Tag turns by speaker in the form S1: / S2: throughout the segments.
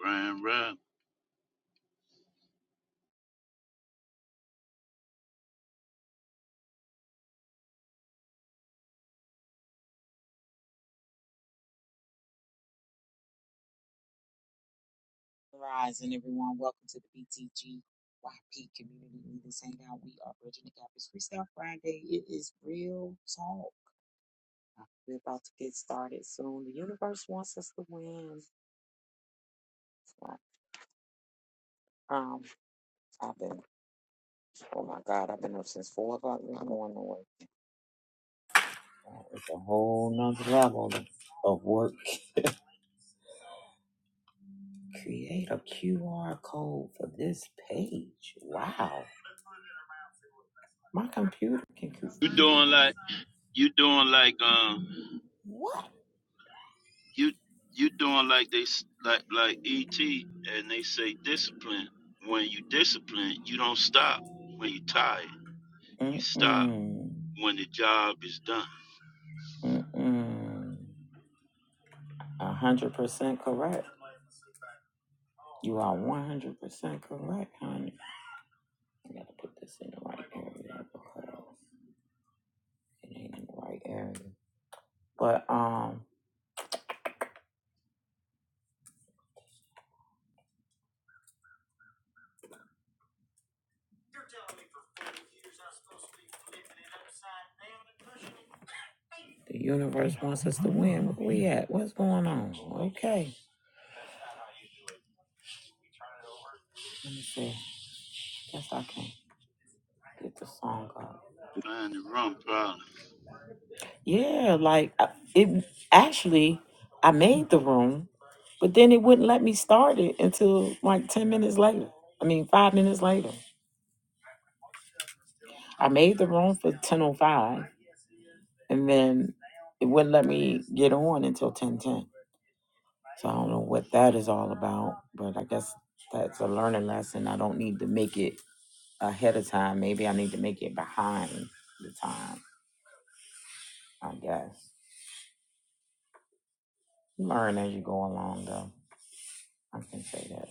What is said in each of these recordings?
S1: Brian Rob.
S2: Rise and everyone, welcome to the BTGYP Community Leaders Hangout. We are Bridging the Gap. It's Freestyle Friday. It is real talk. We're about to get started soon. The universe wants us to win. Um, I've been, oh my God, I've been up since four o'clock in the morning. Wait, It's a whole nother level of work. Create a QR code for this page. Wow, my computer can. cre-
S1: You doing like you doing like um
S2: What?
S1: you you doing like they s- like like ET and they say discipline. When you discipline, you don't stop when you tired. You
S2: Mm
S1: stop
S2: mm
S1: when the job is done.
S2: mm mm. A hundred percent correct. You are one hundred percent correct, honey. I gotta put this in the right area because it ain't in the right area. But um, the universe wants us to win. Where we at? What's going on? Okay. Let me see. Guess I can get the song up.
S1: Find the wrong problem
S2: Yeah, like I- it. Actually, I made the room, but then it wouldn't let me start it until like ten minutes later. I mean, five minutes later. I made the room for ten o five and then it wouldn't let me get on until ten ten. So I don't know what that is all about, but I guess that's a learning lesson. I don't need to make it ahead of time. Maybe I need to make it behind the time. I guess learn as you go along, though. I can say that.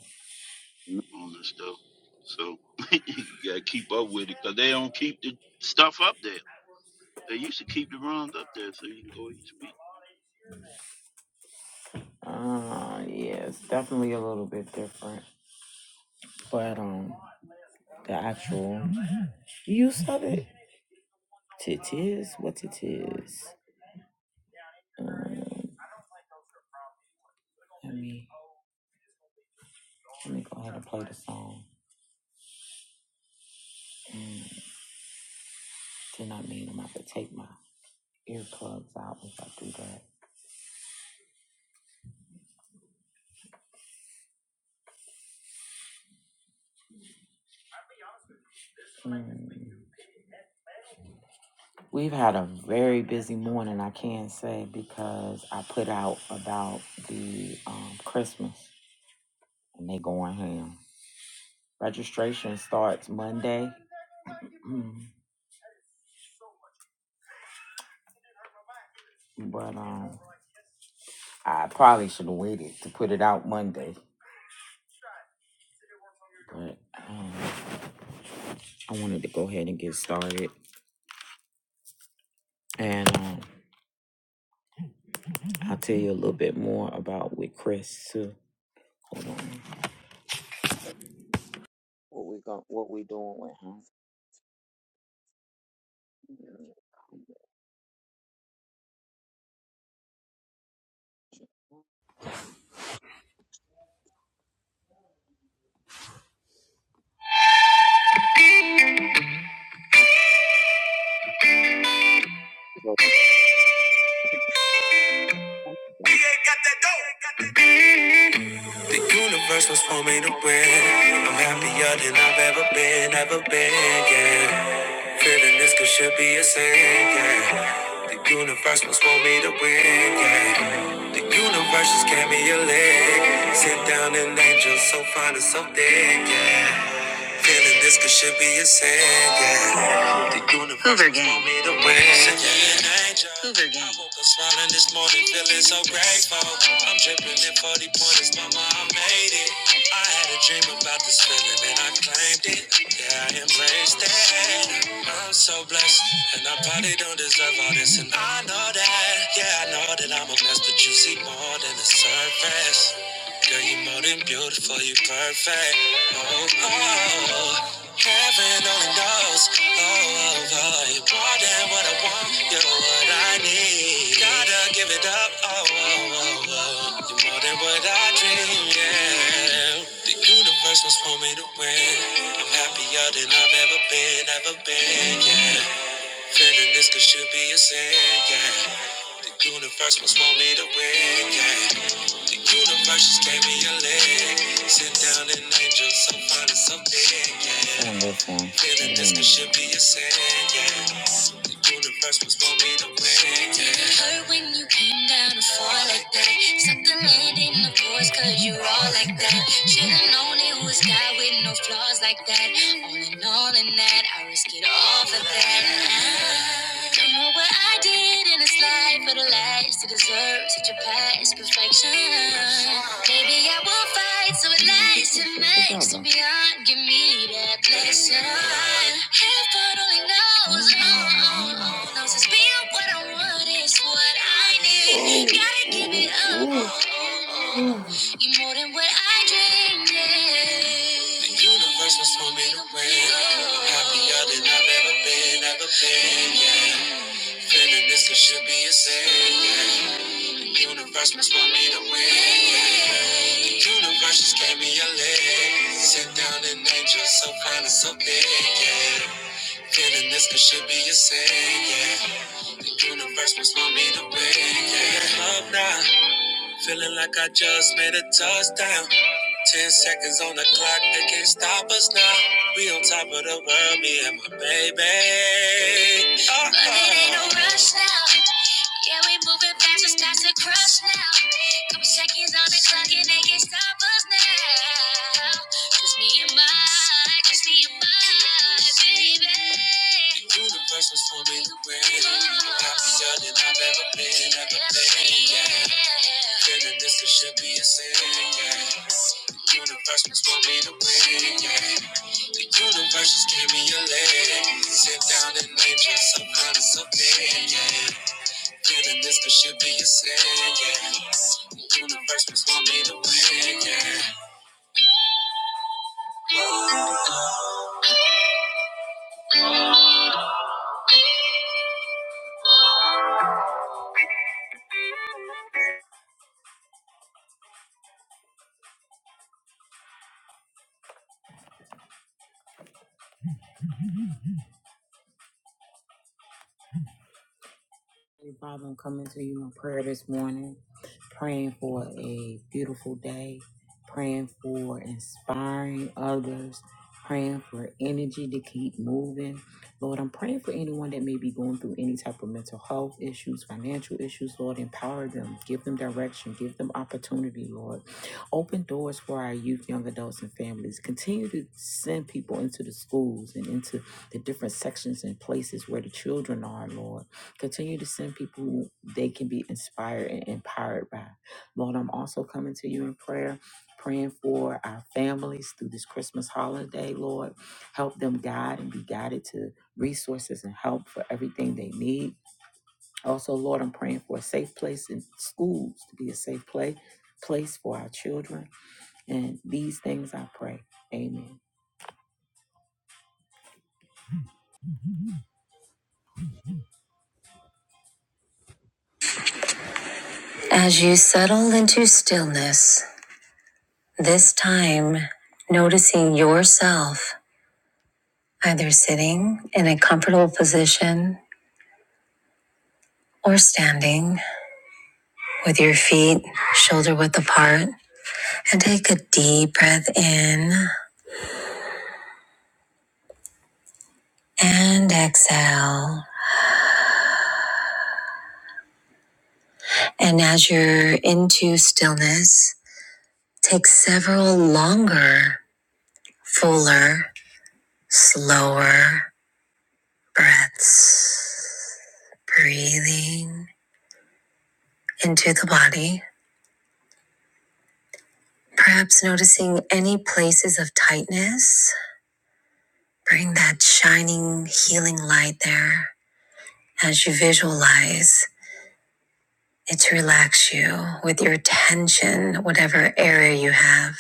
S1: on this stuff. So you gotta keep up with it because they don't keep the stuff up there. They used to keep the runs up there so you can go each week.
S2: Uh, yeah, it's definitely a little bit different, but um, the actual use of it, it is what it is. Um, let me let me go ahead and play the song. Mm. Then I mean I'm gonna have to take my earplugs out if I do that. Mm. We've had a very busy morning, I can say, because I put out about the um, Christmas and they going ham. Registration starts Monday, mm, but um, I probably should have waited to put it out Monday. But um, I wanted to go ahead and get started, and um, I'll tell you a little bit more about with Chris too. Hold on, what we got, what we doing with him?
S3: The universe was for me to win. I'm happier than I've ever been, ever been, yeah. Feeling this could should be a sin, yeah. The universe was for me to win, yeah. The universe just gave me a leg. Sit down an angel so fine and so thick, yeah. Feeling this could should be a sin, yeah. The universe Hoover gang. want me to win. yeah. Hoover gang. I woke up smiling this morning, feeling so grateful. I'm dripping in 40 pointers, mama, I made it. I had a dream about this feeling and I claimed it. Yeah, I embraced it. I'm so blessed, and I probably don't deserve all this, and I know that. Yeah, I know that I'm a mess, but you see more than the surface. Girl, you're more than beautiful, you're perfect. Oh, oh, heaven only knows. Oh, oh, oh, you're more than what I want, you're what I need. Gotta give it up. Oh, oh, oh, oh, you're more than what I dream, yeah. The universe was for me to win. I'm happier than I've ever been, ever
S2: See
S3: been, yeah.
S2: what?
S3: Feeling this could should be a sin, yeah. The universe must want me to win, yeah. The universe just gave me a leg. Sit down and angel, so fine and so big,
S2: It's
S3: yeah.
S2: on this one. It
S3: Feeling this
S2: ain't
S3: could
S2: on
S3: should
S2: that
S3: be
S2: one.
S3: a sin, yeah. The universe was for me to win, yeah. It hurt when you came down to fall like that. Suck the land in the force cause you're all like that. Should've known it was God with no flaws like that. All in all in that, I risk it all for that. I don't know what what I did in this life for the last to deserve such a past perfection. Maybe I will fight so it
S2: Come on, get
S3: lasts
S2: your
S3: and
S2: shit
S3: makes and
S2: together.
S3: beyond. Give me that blessing. Heaven only knows, oh, oh,
S2: Mm-hmm.
S3: oh, knows it's being what I want is what I need.
S2: Oh,
S3: Gotta give it up, oh,
S2: oh,
S3: oh, oh.
S2: oh.
S3: you are more than what I dreamed. Yeah. The universe was for me to win. I'm happier than I've ever been, ever been. Yeah. Feeling this could should be a sin. yeah. The universe must want me to win. yeah. The universe just gave me a leg. Sit down and angel so fine and so big. Yeah. Feeling this could should be a sin. Yeah. The universe must want me to win. Yeah. Love now. Feeling like I just made a touchdown. Ten seconds on the clock, they can't stop us now. We on top of the world, me and my baby. Uh-uh. But it ain't no rush now. Yeah, we moving fast, it's past the crush now. Couple seconds on the clock, and they can't stop us now. Just me and my, just me and my baby. Universe was for me to win. Not the judge that I've ever been, ever been. Yeah. Feeling this it should be a sin. Yeah. The universe was for me to win. Yeah. The universe just gave me a leg. Sit down and nature some kind of something. Yeah. Feeling this it should be a sin. Yeah. The universe was for me to win. Yeah.
S2: Heavenly Father, I'm coming to you in prayer this morning, praying for a beautiful day, praying for inspiring others, praying for energy to keep moving. Lord, I'm praying for anyone that may be going through any type of mental health issues, financial issues. Lord, empower them, give them direction, give them opportunity, Lord. Open doors for our youth, young adults, and families. Continue to send people into the schools and into the different sections and places where the children are, Lord Continue to send people who they can be inspired and empowered by. Lord, I'm also coming to you in prayer, praying for our families through this Christmas holiday, Lord. Help them guide and be guided to resources and help for everything they need. Also, Lord, I'm praying for a safe place in schools to be a safe play place for our children. And these things I pray. Amen.
S3: As you settle into stillness. This time, noticing yourself either sitting in a comfortable position or standing with your feet shoulder width apart. And take a deep breath in and exhale. And as you're into stillness, take several longer, fuller, slower breaths. Breathing into the body Perhaps noticing any places of tightness. Bring that shining, healing light there as you visualize it to relax you with your attention, whatever area you have,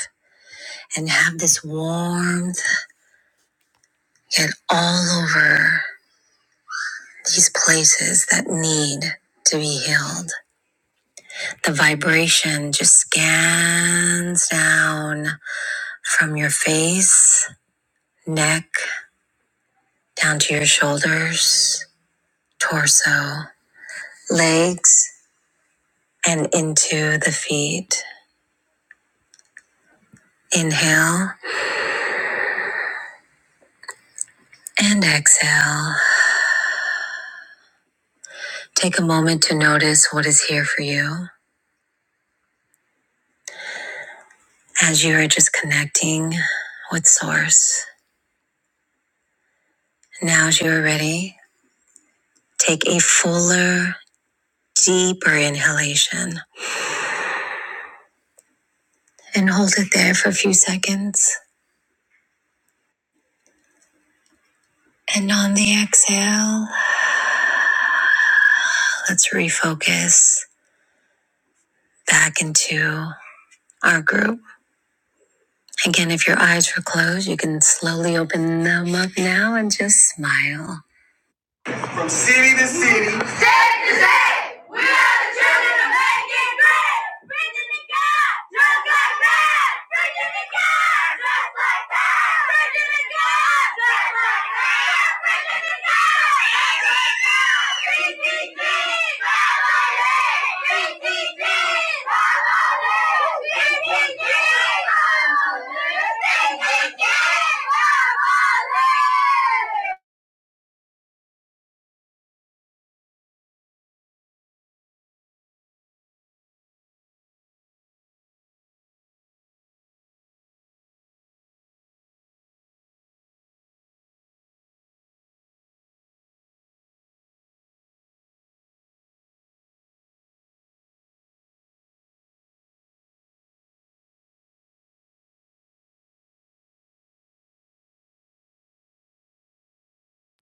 S3: and have this warmth get all over these places that need to be healed. The vibration just scans down from your face, neck, down to your shoulders, torso. legs and into the feet. Inhale and exhale. Take a moment to notice what is here for you as you are just connecting with Source. Now, as you are ready, take a fuller, deeper inhalation and hold it there for a few seconds. And on the exhale, let's refocus back into our group. Again, if your eyes were closed, you can slowly open them up now and just smile. From city to city, yeah!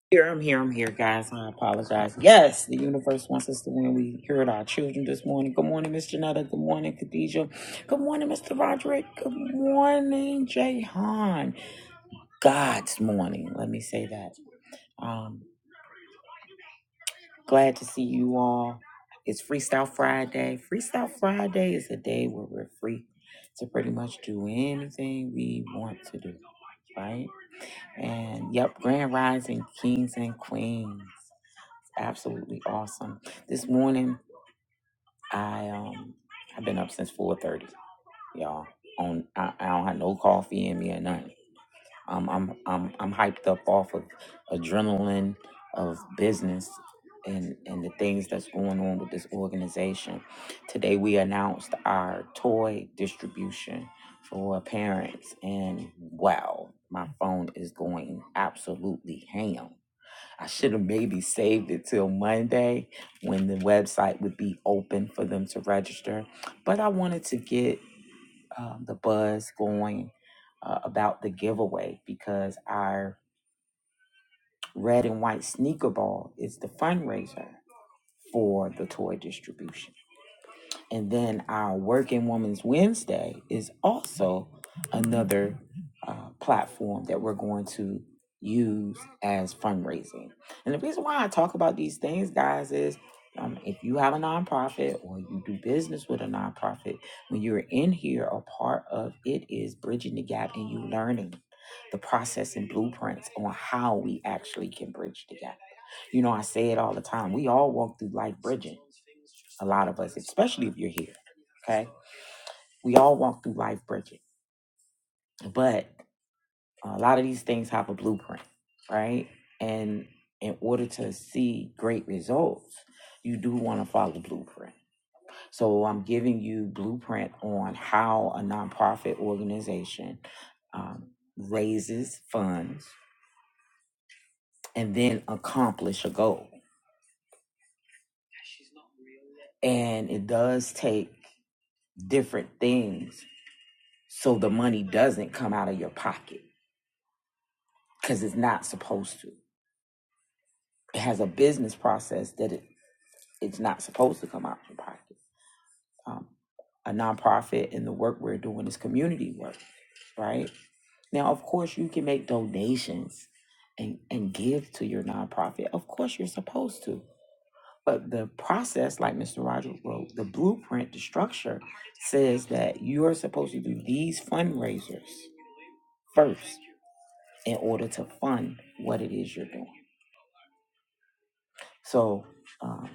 S2: Here, I'm here, I'm here, guys. I apologize. Yes, the universe wants us to win. We heard our children this morning. Good morning, Miss Janetta. Good morning, Khadijah. Good morning, Mr. Roderick. Good morning, Jay Han. God's morning. Let me say that. Um, glad to see you all. It's Freestyle Friday. Freestyle Friday is a day where we're free to pretty much do anything we want to do, right? And yep, Grand Rising Kings and Queens. Absolutely awesome. This morning, I um, I've been up since four thirty, y'all. On I, I don't have no coffee in me or nothing. Um, I'm I'm I'm hyped up off of adrenaline of business and and the things that's going on with this organization. Today, we announced our toy distribution for parents, and wow, my phone is going absolutely ham I should have maybe saved it till Monday when the website would be open for them to register. But I wanted to get um, the buzz going uh, about the giveaway because our red and white sneaker ball is the fundraiser for the toy distribution. And then our Working Women's Wednesday is also another uh, platform that we're going to use as fundraising. And the reason why I talk about these things, guys, is um, if you have a nonprofit or you do business with a nonprofit, when you're in here, a part of it is bridging the gap and you learning the process and blueprints on how we actually can bridge the gap. You know, I say it all the time. We all walk through life bridging a lot of us, especially if you're here. Okay. We all walk through life bridging, but a lot of these things have a blueprint, right? And in order to see great results, you do want to follow the blueprint. So I'm giving you blueprint on how a nonprofit organization um, raises funds and then accomplish a goal. And it does take different things so the money doesn't come out of your pocket because it's not supposed to. It has a business process that it, it's not supposed to come out of your pocket. Um, a nonprofit and the work we're doing is community work, right? Now, of course, you can make donations and, and give to your nonprofit. Of course, you're supposed to. But the process, like Mr. Rogers wrote, the blueprint, the structure says that you're supposed to do these fundraisers first in order to fund what it is you're doing. So, um,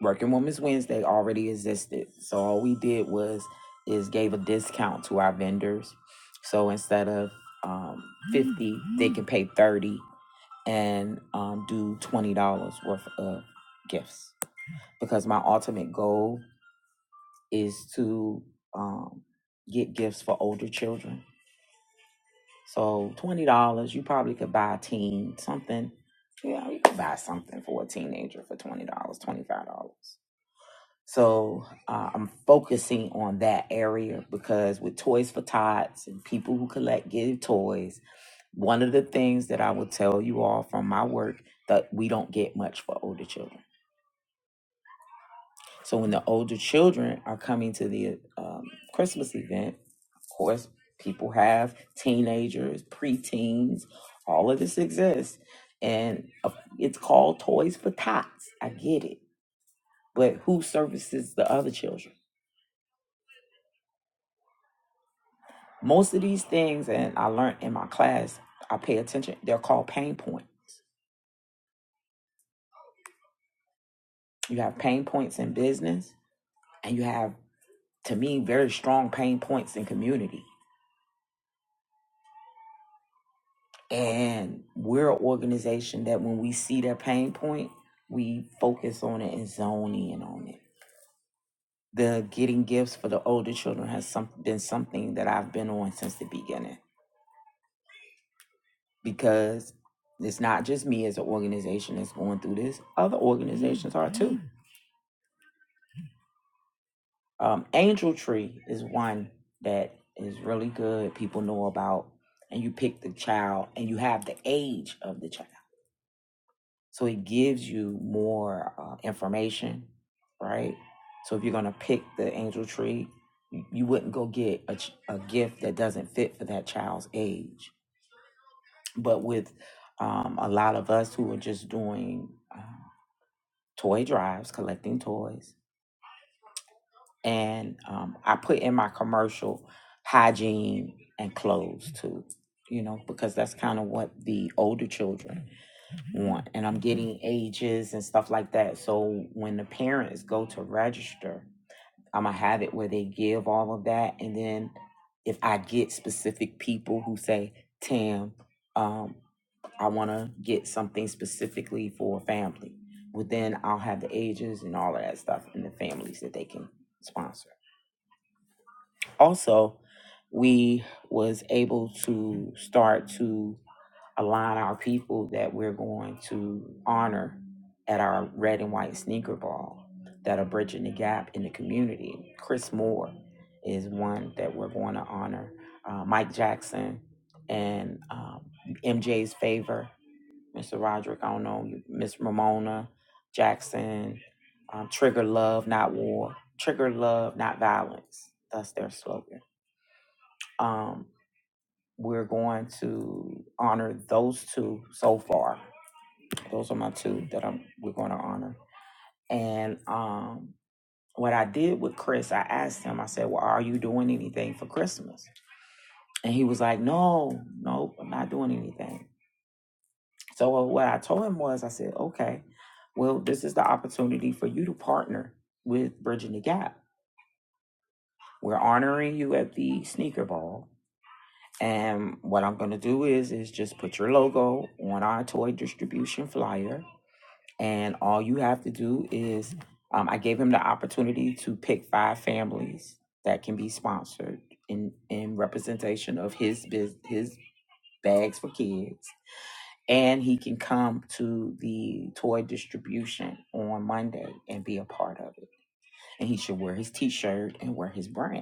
S2: Working Women's Wednesday already existed. So all we did was is gave a discount to our vendors. So instead of um, 50, they can pay 30 and um, do $20 worth of gifts. Because my ultimate goal is to um, get gifts for older children. So $20, you probably could buy a teen something. Yeah, you could buy something for a teenager for $20, dollars, $25. So uh, I'm focusing on that area because with Toys for Tots and people who collect give toys, one of the things that I will tell you all from my work that we don't get much for older children. So when the older children are coming to the um, Christmas event, of course, people have teenagers, preteens, all of this exists. And uh, it's called Toys for Tots. I get it. But who services the other children? Most of these things, and I learned in my class, I pay attention. They're called pain point. You have pain points in business, and you have, to me, very strong pain points in community. And we're an organization that when we see their pain point, we focus on it and zone in on it. The getting gifts for the older children has some, been something that I've been on since the beginning because it's not just me as an organization that's going through this. Other organizations are too. Um, Angel Tree is one that is really good. People know about, and you pick the child, and you have the age of the child, so it gives you more uh, information, right? So if you're gonna pick the Angel Tree, you you wouldn't go get a, ch- a gift that doesn't fit for that child's age. But with um, a lot of us who are just doing uh, toy drives, collecting toys, and um, I put in my commercial hygiene and clothes too, you know, because that's kind of what the older children want. And I'm getting ages and stuff like that. So when the parents go to register, I'm going to have it where they give all of that. And then if I get specific people who say, Tam, um, I want to get something specifically for family. Well, then I'll have the ages and all of that stuff and the families that they can sponsor. Also, we was able to start to align our people that we're going to honor at our red and white sneaker ball that are bridging the gap in the community. Chris Moore is one that we're going to honor. Uh, Mike Jackson and um, MJ's favor, Mr. Roderick. I don't know Miss Ramona Jackson. Um, Trigger love, not war. Trigger love, not violence. That's their slogan. Um, we're going to honor those two so far. Those are my two that I'm we're going to honor. And um, what I did with Chris, I asked him. I said, "Well, are you doing anything for Christmas?" And he was like, "No, no, I'm not doing anything." So uh, what I told him was, I said, "Okay, well, this is the opportunity for you to partner with Bridging the Gap. We're honoring you at the Sneaker Ball." And what I'm gonna do is is just put your logo on our toy distribution flyer, and all you have to do is um, I gave him the opportunity to pick five families that can be sponsored in in representation of his biz, his bags for kids, and he can come to the toy distribution on Monday and be a part of it. And he should wear his T-shirt and wear his brand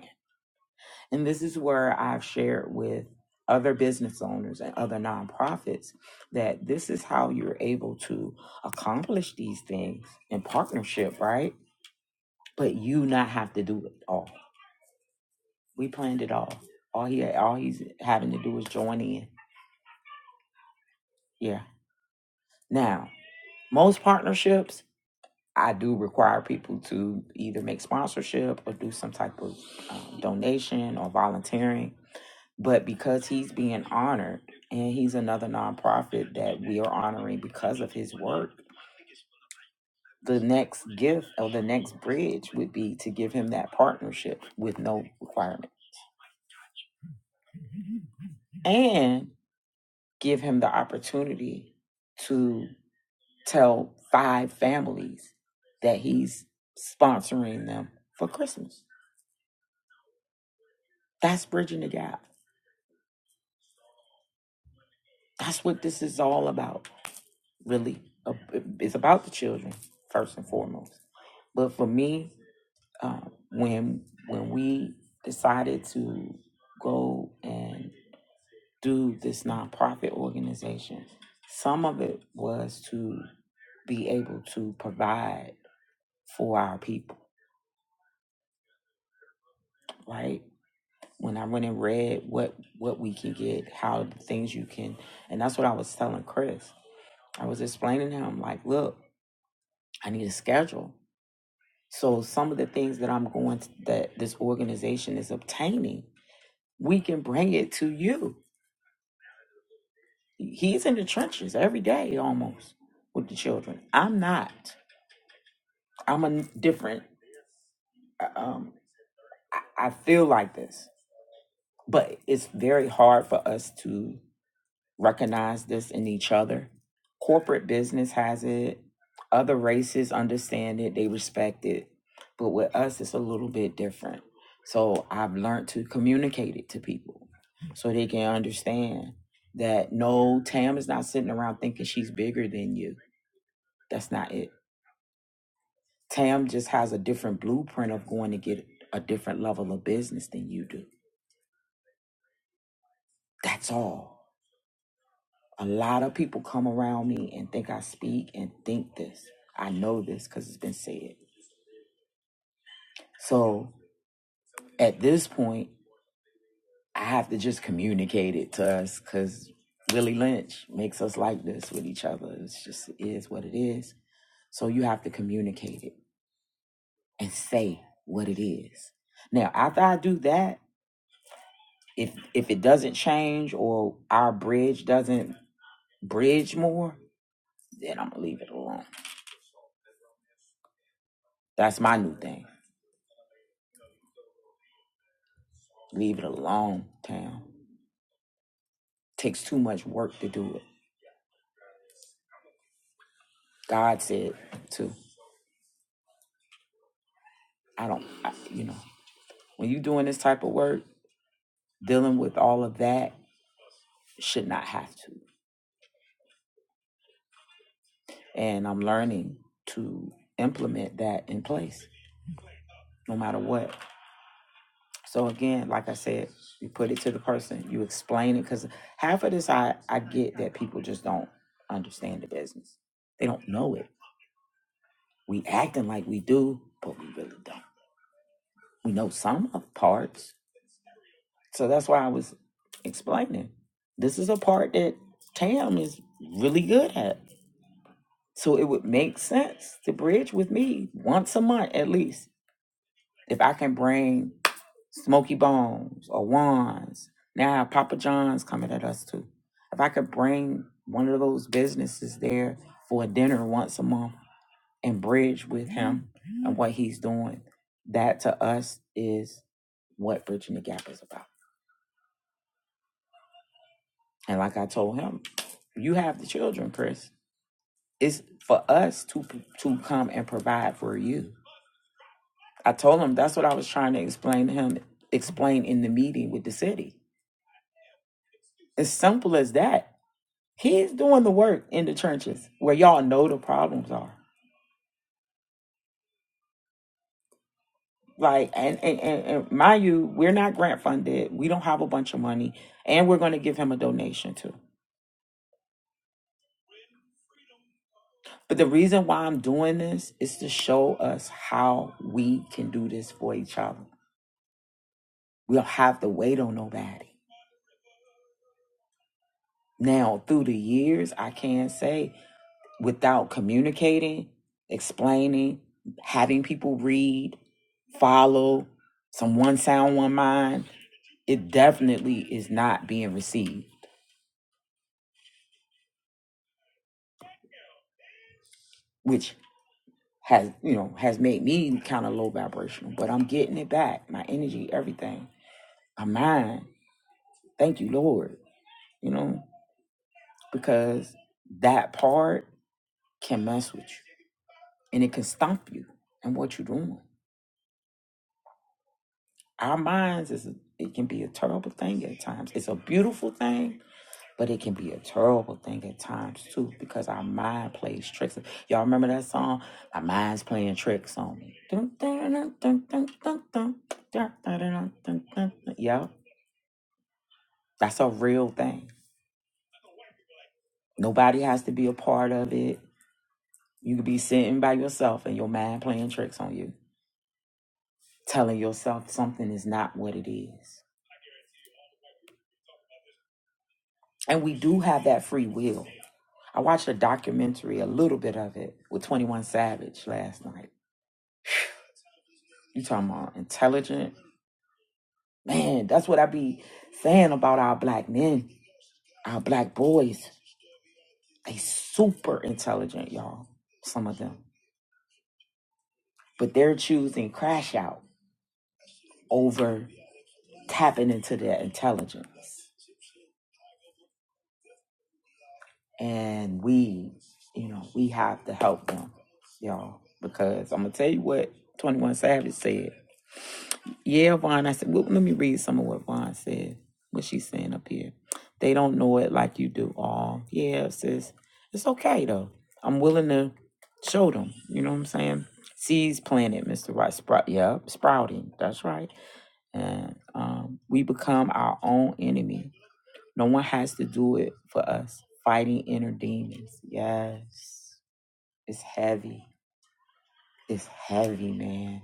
S2: and this is where I've shared with other business owners and other nonprofits that this is how you're able to accomplish these things in partnership, right? But you not have to do it all. We planned it all. All he all he's having to do is join in. Yeah. Now, most partnerships I do require people to either make sponsorship or do some type of um, donation or volunteering but because he's being honored and he's another nonprofit that we are honoring because of his work the next gift or the next bridge would be to give him that partnership with no requirement and give him the opportunity to tell five families that he's sponsoring them for christmas that's bridging the gap that's what this is all about really Uh, it's about the children first and foremost but for me um, when when we decided to go and do this nonprofit organization, some of it was to be able to provide for our people, right? When I went and read what what we can get, how the things you can, and that's what I was telling Chris. I was explaining to him like, look, I need a schedule. So some of the things that I'm going to, that this organization is obtaining, we can bring it to you He's in the trenches every day almost with the children. I'm not. I'm a different. uh, Um, I, I feel like this, but it's very hard for us to recognize this in each other. Corporate business has it. Other races understand it. They respect it. But with us, it's a little bit different. So I've learned to communicate it to people so they can understand that no, Tam is not sitting around thinking she's bigger than you That's not it. Tam just has a different blueprint of going to get a different level of business than you do. That's all. A lot of people come around me and think I speak and think this. I know this because it's been said. So at this point, I have to just communicate it to us because Willie Lynch makes us like this with each other. It's just it is what it is. So you have to communicate it and say what it is. Now, after I do that, If if it doesn't change or our bridge doesn't bridge more, then I'm gonna leave it alone. That's my new thing. Leave it alone, Tam. Takes too much work to do it. God said too. I don't, I, you know, when you doing this type of work, dealing with all of that should not have to. And I'm learning to implement that in place, no matter what. So again, like I said, you put it to the person, you explain it because half of this I I get that people just don't understand the business. They don't know it. We acting like we do, but we really don't. We know some of the parts. So that's why I was explaining. This is a part that Tam is really good at. So it would make sense to bridge with me once a month at least. If I can bring Smoky Bones or Wands. Now Papa John's coming at us too. If I could bring one of those businesses there for a dinner once a month and bridge with him and what he's doing, that to us is what Bridging the Gap is about. And like I told him, you have the children, Chris. It's for us to to come and provide for you. I told him that's what I was trying to explain to him, explain in the meeting with the city. As simple as that He's doing the work in the trenches where y'all know the problems are. Like, and, and, and, and mind you, we're not grant funded. We don't have a bunch of money, and we're going to give him a donation too. But the reason why I'm doing this is to show us how we can do this for each other. We don't have to wait on nobody. Now, through the years, I can say without communicating, explaining, having people read, follow, some one sound, one mind it definitely is not being received, which has you know has made me kind of low vibrational. But I'm getting it back, my energy, everything, my mind. Thank you, Lord. You know because that part can mess with you and it can stomp you and what you're doing. Our minds is a, it can be a terrible thing at times. It's a beautiful thing, but it can be a terrible thing at times too because our mind plays tricks. Y'all remember that song? My mind's playing tricks on me. Yeah, that's a real thing. Nobody has to be a part of it. You could be sitting by yourself and your mind playing tricks on you, telling yourself something is not what it is. And we do have that free will. I watched a documentary, a little bit of it, with 21 Savage last night. You talking about intelligent Man, that's what I be saying about our black men, our black boys. They super intelligent, y'all. Some of them. But they're choosing crash out over tapping into their intelligence. And we, you know, we have to help them, y'all. Because I'm gonna tell you what 21 Savage said. Yeah, Vaughn. I said, well, let me read some of what Vaughn said, what she's saying up here. They don't know it like you do. All yeah, sis. It's okay though. I'm willing to show them. You know what I'm saying? Seeds planted, Mr. Right. Sprout. Yep, sprouting. That's right. And um, we become our own enemy. No one has to do it for us. Fighting inner demons. Yes, it's heavy. It's heavy, man.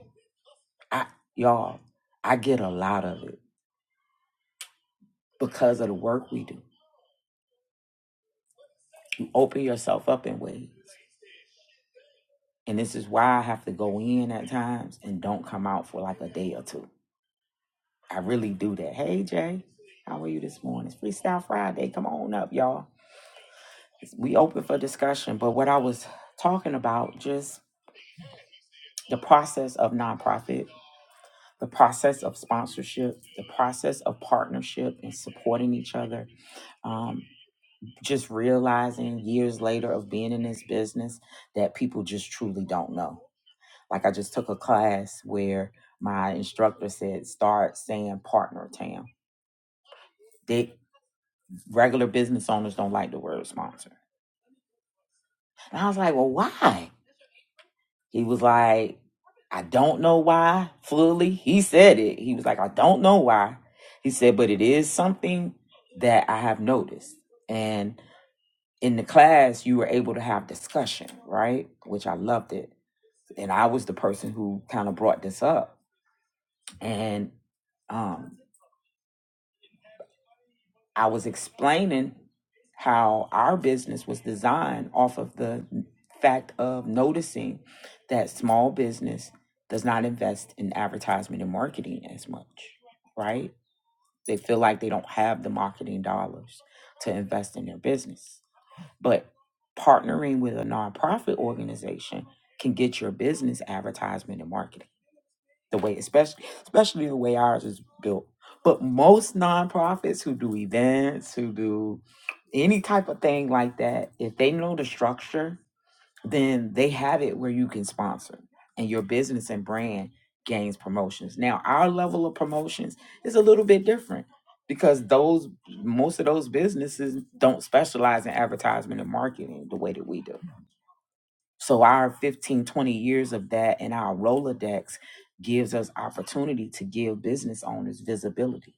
S2: I y'all. I get a lot of it because of the work we do. You open yourself up in ways. And this is why I have to go in at times and don't come out for like a day or two. I really do that. Hey, Jay, how are you this morning? It's Freestyle Friday. Come on up, y'all. We open for discussion. But what I was talking about, just the process of nonprofit, the process of sponsorship, the process of partnership and supporting each other. Um, just realizing years later of being in this business that people just truly don't know Like I just took a class where my instructor said, start saying partner town. They regular business owners don't like the word sponsor. And I was like, well, why? He was like, I don't know why fully. He said it. He was like, I don't know why. He said, but it is something that I have noticed. And in the class, you were able to have discussion, right? Which I loved it. And I was the person who kind of brought this up. And um, I was explaining how our business was designed off of the fact of noticing that small business does not invest in advertisement and marketing as much, right? They feel like they don't have the marketing dollars to invest in their business. But partnering with a nonprofit organization can get your business advertisement and marketing the way especially especially the way ours is built. But most nonprofits who do events, who do any type of thing like that, if they know the structure, then they have it where you can sponsor and your business and brand gains promotions. Now, our level of promotions is a little bit different because those most of those businesses don't specialize in advertisement and marketing the way that we do. So our 15 20 years of that and our Rolodex gives us opportunity to give business owners visibility.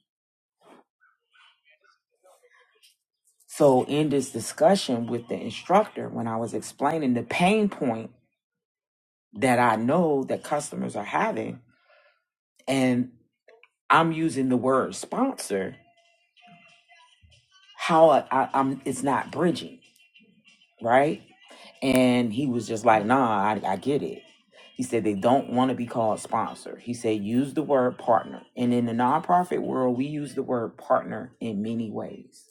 S2: So in this discussion with the instructor, when I was explaining the pain point that I know that customers are having, and I'm using the word sponsor, how I, I, I'm it's not bridging. right? And he was just like, nah, I, I get it. He said they don't want to be called sponsor. He said use the word partner. And in the nonprofit world, we use the word partner in many ways.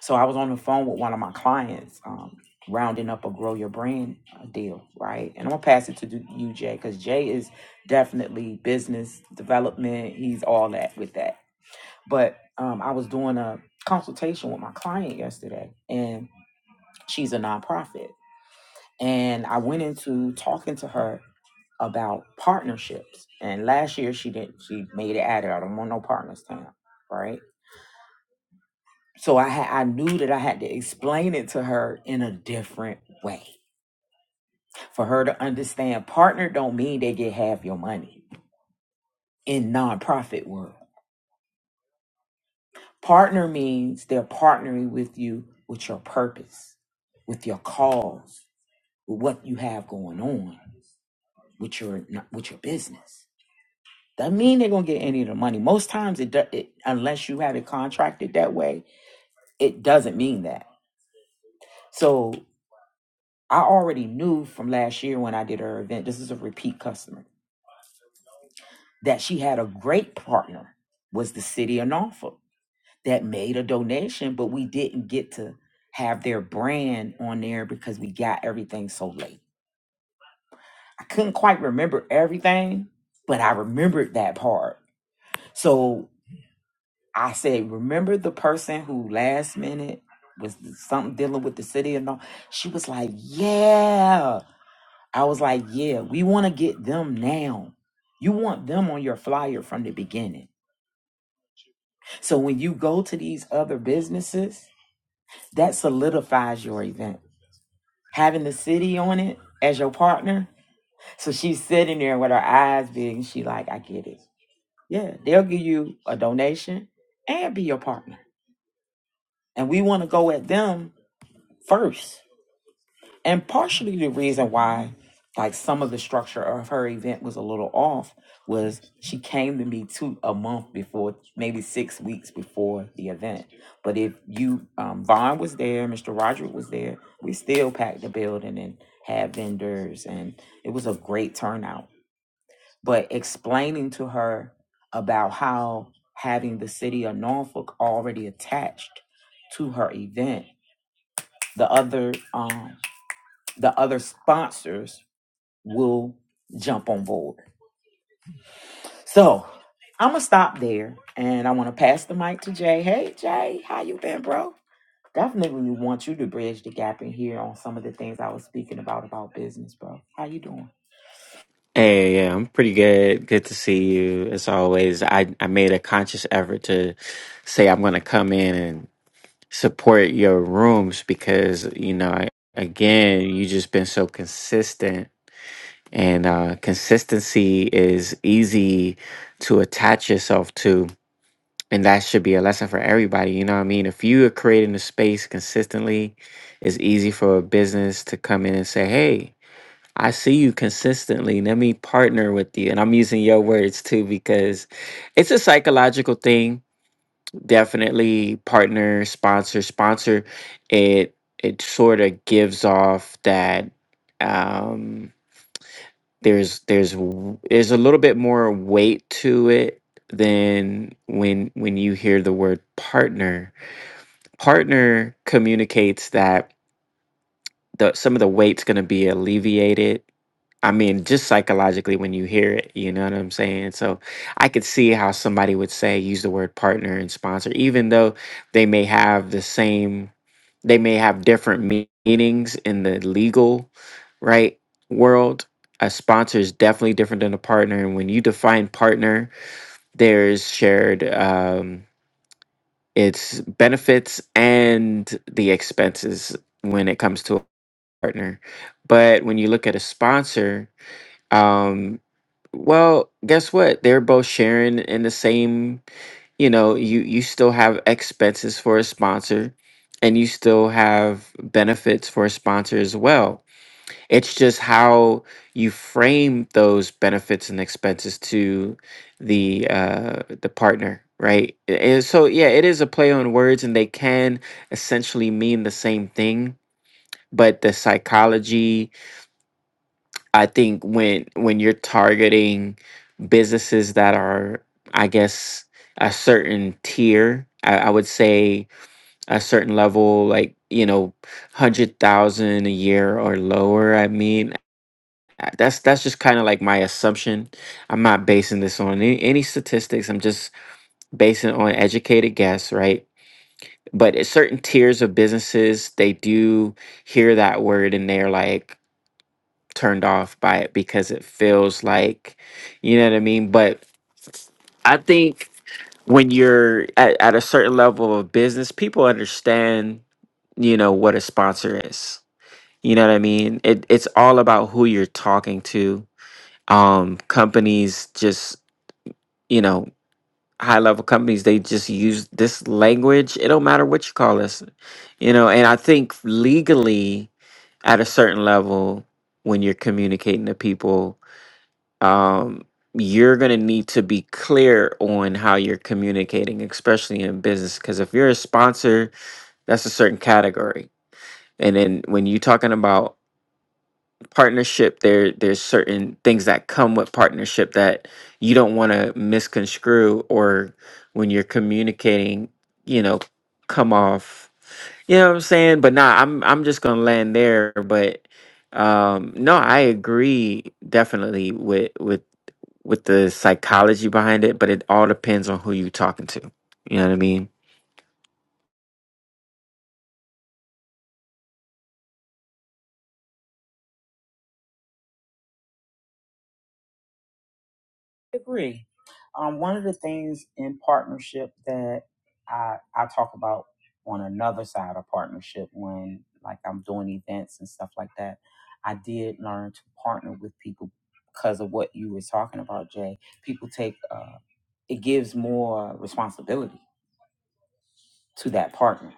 S2: So I was on the phone with one of my clients, um, rounding up a grow your brand uh, deal, right? And I'm gonna pass it to do- you, Jay, because Jay is definitely business development. He's all that with that. But um, I was doing a consultation with my client yesterday, and she's a nonprofit. And I went into talking to her about partnerships. And last year she didn't she made it at it. I don't want no partners town. Right. So I had I knew that I had to explain it to her in a different way. For her to understand partner don't mean they get half your money in nonprofit world. Partner means they're partnering with you with your purpose, with your cause, with what you have going on, with your with your business. That mean they're gonna get any of the money. Most times, it, do, it unless you have it contracted that way, it doesn't mean that. So I already knew from last year when I did her event. This is a repeat customer that she had a great partner was the city of Norfolk that made a donation, but we didn't get to have their brand on there because we got everything so late. I couldn't quite remember everything, but I remembered that part. So I said, remember the person who last minute was something dealing with the city and all? She was like, yeah. I was like, yeah, we want to get them now. You want them on your flyer from the beginning. So when you go to these other businesses, that solidifies your event. Having the city on it as your partner. So she's sitting there with her eyes big and she like, I get it. Yeah, they'll give you a donation and be your partner. And we want to go at them first And partially the reason why, like some of the structure of her event was a little off, was she came to me two a month before, maybe six weeks before the event. But if you, um, Vaughn was there, Mr. Roderick was there, we still packed the building and had vendors, and it was a great turnout. But explaining to her about how having the city of Norfolk already attached to her event, the other um, the other sponsors will jump on board. So I'm gonna stop there, and I want to pass the mic to Jay. Hey Jay, how you been, bro? Definitely want you to bridge the gap in here on some of the things I was speaking about about business, bro. How you doing?
S4: Hey, yeah, I'm pretty good. Good to see you as always. I, I made a conscious effort to say I'm going to come in and support your rooms because, you know, I, again, you just been so consistent and uh, consistency is easy to attach yourself to. And that should be a lesson for everybody. You know what I mean? If you are creating a space consistently, it's easy for a business to come in and say, hey, I see you consistently. Let me partner with you. And I'm using your words too because it's a psychological thing. Definitely partner, sponsor, sponsor. It it sort of gives off that um there's there's w- there's a little bit more weight to it than when when you hear the word partner. Partner communicates that the some of the weight's going to be alleviated. I mean, just psychologically when you hear it, you know what I'm saying? So I could see how somebody would say use the word partner and sponsor, even though they may have the same, they may have different me- meanings in the legal, right, world. A sponsor is definitely different than a partner. And when you define partner, there's shared um, its benefits and the expenses when it comes to partner. But when you look at a sponsor, um, well, guess what? They're both sharing in the same, you know, you you still have expenses for a sponsor and you still have benefits for a sponsor as well. It's just how you frame those benefits and expenses to the uh the partner, right? A- And so yeah, it is a play on words and they can essentially mean the same thing, but the psychology I think when when you're targeting businesses that are, I guess, a certain tier, I, I would say a certain level, like you know, hundred thousand a year or lower. I mean, uh, that's that's just kind of like my assumption. I'm not basing this on any, any statistics. I'm just basing it on educated guess, right? But at certain tiers of businesses, they do hear that word and they're like, turned off by it because it feels like, you know what I mean? But I think when you're at, at a certain level of business, people understand, you know, what a sponsor is. You know what I mean? It, it's all about who you're talking to. Um, companies just, you know, high level companies, they just use this language. It don't matter what you call us, you know, and I think legally at a certain level, when you're communicating to people, um, you're going to need to be clear on how you're communicating, especially in business. Because if you're a sponsor, that's a certain category. And then when you're talking about partnership, there there's certain things that come with partnership that you don't want to misconstrue, or when you're communicating, you know, come off. You know what I'm saying? But nah, I'm I'm just gonna land there. But um, no, I agree definitely with with with the psychology behind it, but it all depends on who you're talking to. You know what I mean?
S2: agree. Um, one of the things in partnership that I I talk about on another side of partnership when like I'm doing events and stuff like that, I did learn to partner with people because of what you were talking about, Jay. People take uh, it gives more responsibility to that partner.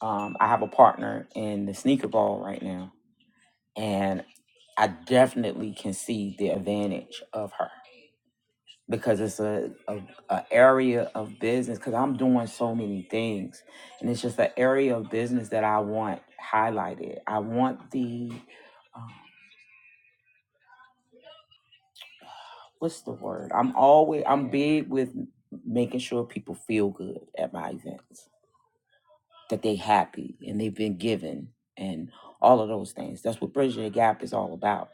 S2: Um, I have a partner in the sneaker ball right now, and I definitely can see the advantage of her. because it's a, a, a area of business because i'm doing so many things and it's just an area of business that i want highlighted i want the um, what's the word i'm always i'm big with making sure people feel good at my events that they happy and they've been given and all of those things that's what bridging the gap is all about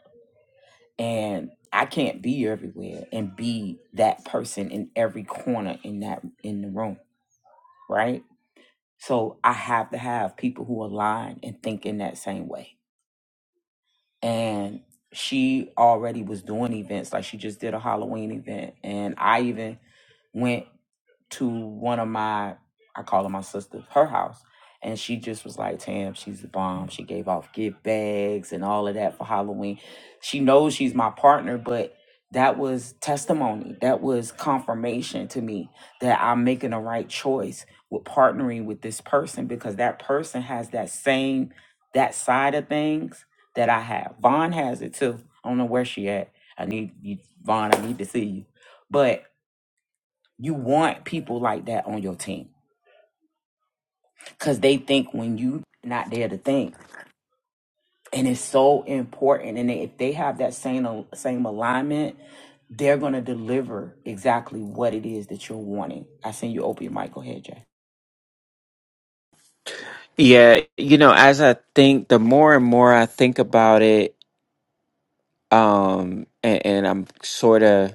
S2: and i can't be everywhere and be that person in every corner in that in the room right So I have to have people who align and think in that same way and she already was doing events. Like she just did a Halloween event, and I even went to one of my I call her my sister, her house. And she just was like, Tam, she's the bomb. She gave off gift bags and all of that for Halloween. She knows she's my partner, but that was testimony. That was confirmation to me that I'm making the right choice with partnering with this person because that person has that same that side of things that I have. Vaughn has it too. I don't know where she at. I need you, Vaughn. I need to see you. But you want people like that on your team because they think when you not there to think, and it's so important. And if they have that same same alignment, they're gonna deliver exactly what it is that you're wanting. I seen you open your mic. Go ahead, Jay.
S4: Yeah, you know, as I think, the more and more I think about it, um, and, and I'm sort of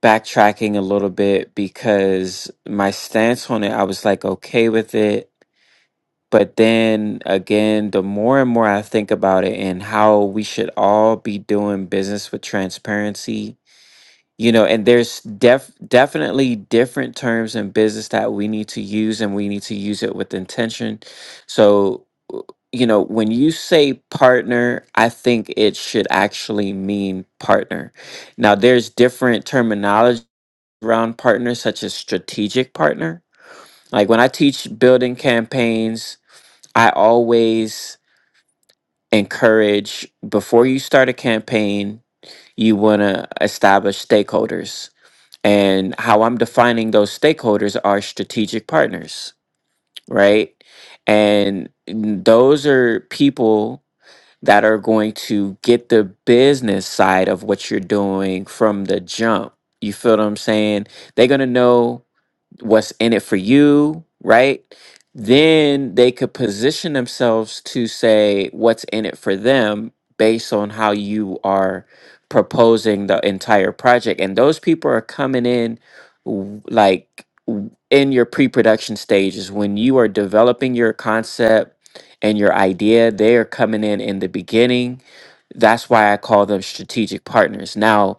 S4: backtracking a little bit because my stance on it, I was like okay with it But then again, the more and more I think about it and how we should all be doing business with transparency, you know, and there's def- definitely different terms in business that we need to use and we need to use it with intention. So, w- you know, when you say partner, I think it should actually mean partner. Now, there's different terminology around partner, such as strategic partner. Like when I teach building campaigns, I always encourage before you start a campaign, you want to establish stakeholders. And how I'm defining those stakeholders are strategic partners, right? And those are people that are going to get the business side of what you're doing from the jump. You feel what I'm saying? They're going to know what's in it for you, right? Then they could position themselves to say what's in it for them based on how you are proposing the entire project. And those people are coming in w- like w- in your pre production stages when you are developing your concept and your idea, they are coming in in the beginning. That's why I call them strategic partners. Now,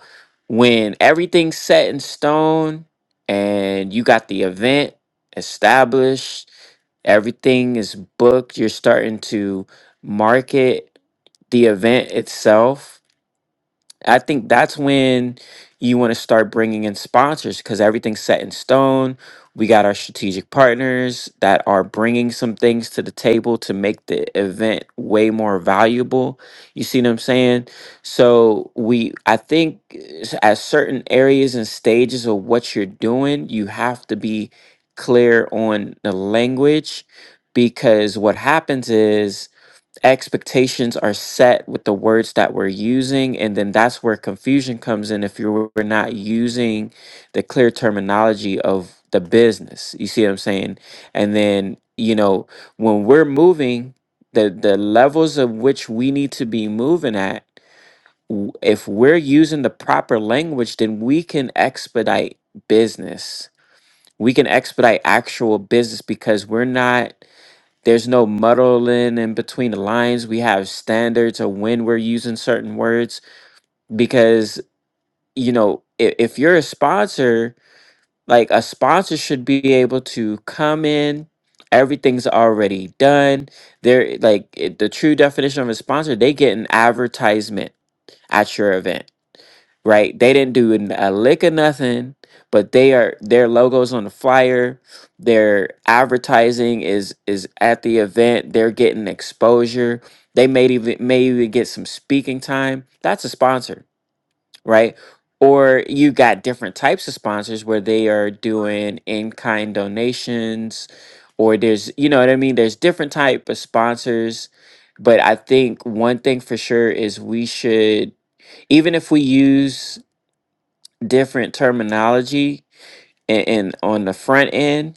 S4: when everything's set in stone, and you got the event established, everything is booked, you're starting to market the event itself I think that's when you want to start bringing in sponsors because everything's set in stone. We got our strategic partners that are bringing some things to the table to make the event way more valuable. You see what I'm saying? So we, I think, s- at certain areas and stages of what you're doing, you have to be clear on the language because what happens is expectations are set with the words that we're using and then that's where confusion comes in if you're we're not using the clear terminology of the business you see what i'm saying and then you know when we're moving the the levels of which we need to be moving at w- if we're using the proper language then we can expedite business we can expedite actual business because we're not there's no muddling in between the lines. We have standards of when we're using certain words because, you know, if, if you're a sponsor, like a sponsor should be able to come in, everything's already done. They're like it- the true definition of a sponsor, they get an advertisement at your event right? They didn't do n- a lick of nothing, but they are their logos on the flyer, their advertising is is at the event, they're getting exposure. They may even may even get some speaking time. That's a sponsor, right? Or you got different types of sponsors where they are doing in-kind donations, or there's you know what I mean? There's different type of sponsors. But I think one thing for sure is we should even if we use different terminology and, and on the front end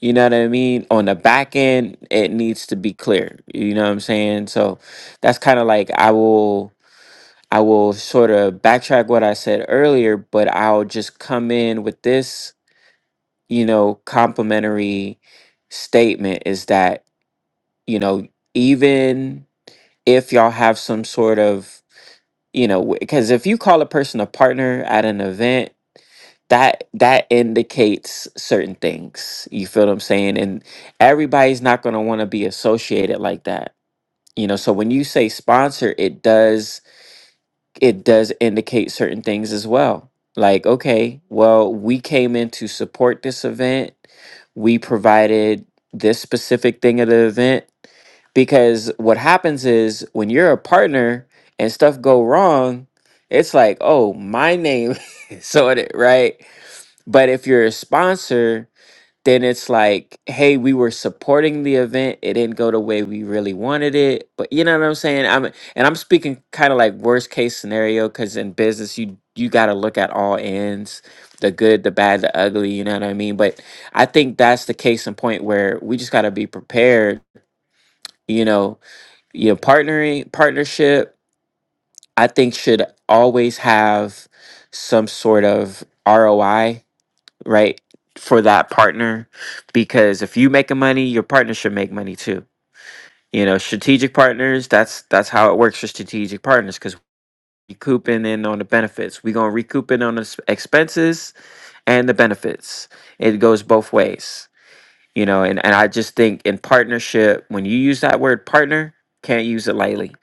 S4: you know what i mean on the back end it needs to be clear you know what i'm saying so that's kind of like i will i will sort of backtrack what i said earlier but i'll just come in with this you know complimentary statement is that you know even if y'all have some sort of you know because if you call a person a partner at an event that that indicates certain things you feel what i'm saying and everybody's not going to want to be associated like that you know so when you say sponsor it does it does indicate certain things as well like okay well we came in to support this event we provided this specific thing at the event because what happens is when you're a partner and stuff go wrong it's like oh my name is on it right but if you're a sponsor, then it's like, hey, we were supporting the event. It didn't go the way we really wanted it. But you know what I'm saying? I'm and I'm speaking kind of like worst case scenario because in business you you gotta look at all ends, the good, the bad, the ugly, you know what I mean? But I think that's the case in point where we just gotta be prepared, you know, you know, partnering partnership, I think should always have some sort of ROI right? For that partner. Because if you making money, your partner should make money too. You know, strategic partners, that's that's how it works for strategic partners because recouping in on the benefits. We're gonna recoup in on the s- expenses and the benefits. It goes both ways. You know, and, and I just think in partnership, when you use that word partner, can't use it lightly.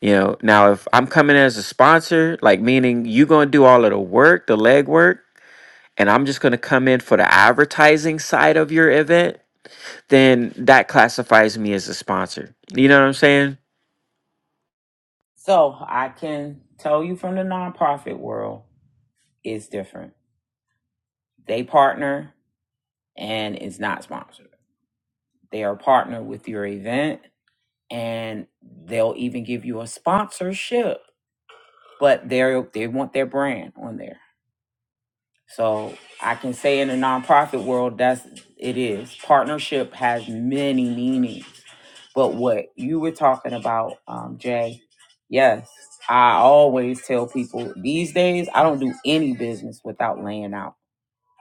S4: You know, now if I'm coming as a sponsor, like meaning you gonna do all of the work, the legwork and I'm just going to come in for the advertising side of your event, then that classifies me as a sponsor. You know what I'm saying?
S2: So I can tell you from the nonprofit world, it's different. They partner and it's not sponsored They are partnered with your event and they'll even give you a sponsorship, but they they want their brand on there. So I can say in the nonprofit world, that's it is. Partnership has many meanings. But what you were talking about, um, Jay, yes, I always tell people these days I don't do any business without laying out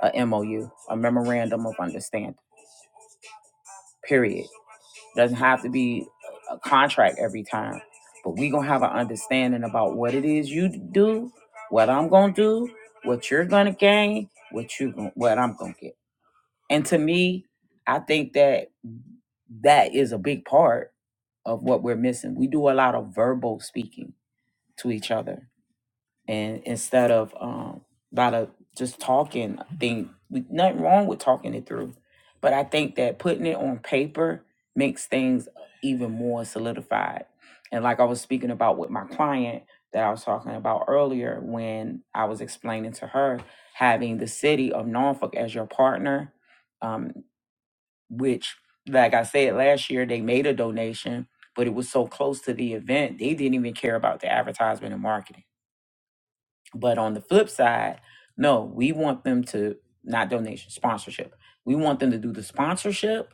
S2: a MOU, a memorandum of understanding. Period. Doesn't have to be a contract every time, but we gonna have an understanding about what it is you do, what I'm gonna do, what you're gonna gain, what you gon- what I'm gonna get. And to me, I think that that is a big part of what we're missing. We do a lot of verbal speaking to each other and instead of um a lot of just talking i think we, nothing wrong with talking it through but i think that putting it on paper makes things even more solidified and like i was speaking about with my client that i was talking about earlier when i was explaining to her having the city of norfolk as your partner um, which like i said last year they made a donation but it was so close to the event they didn't even care about the advertisement and marketing but on the flip side, no, we want them to not donation, sponsorship. We want them to do the sponsorship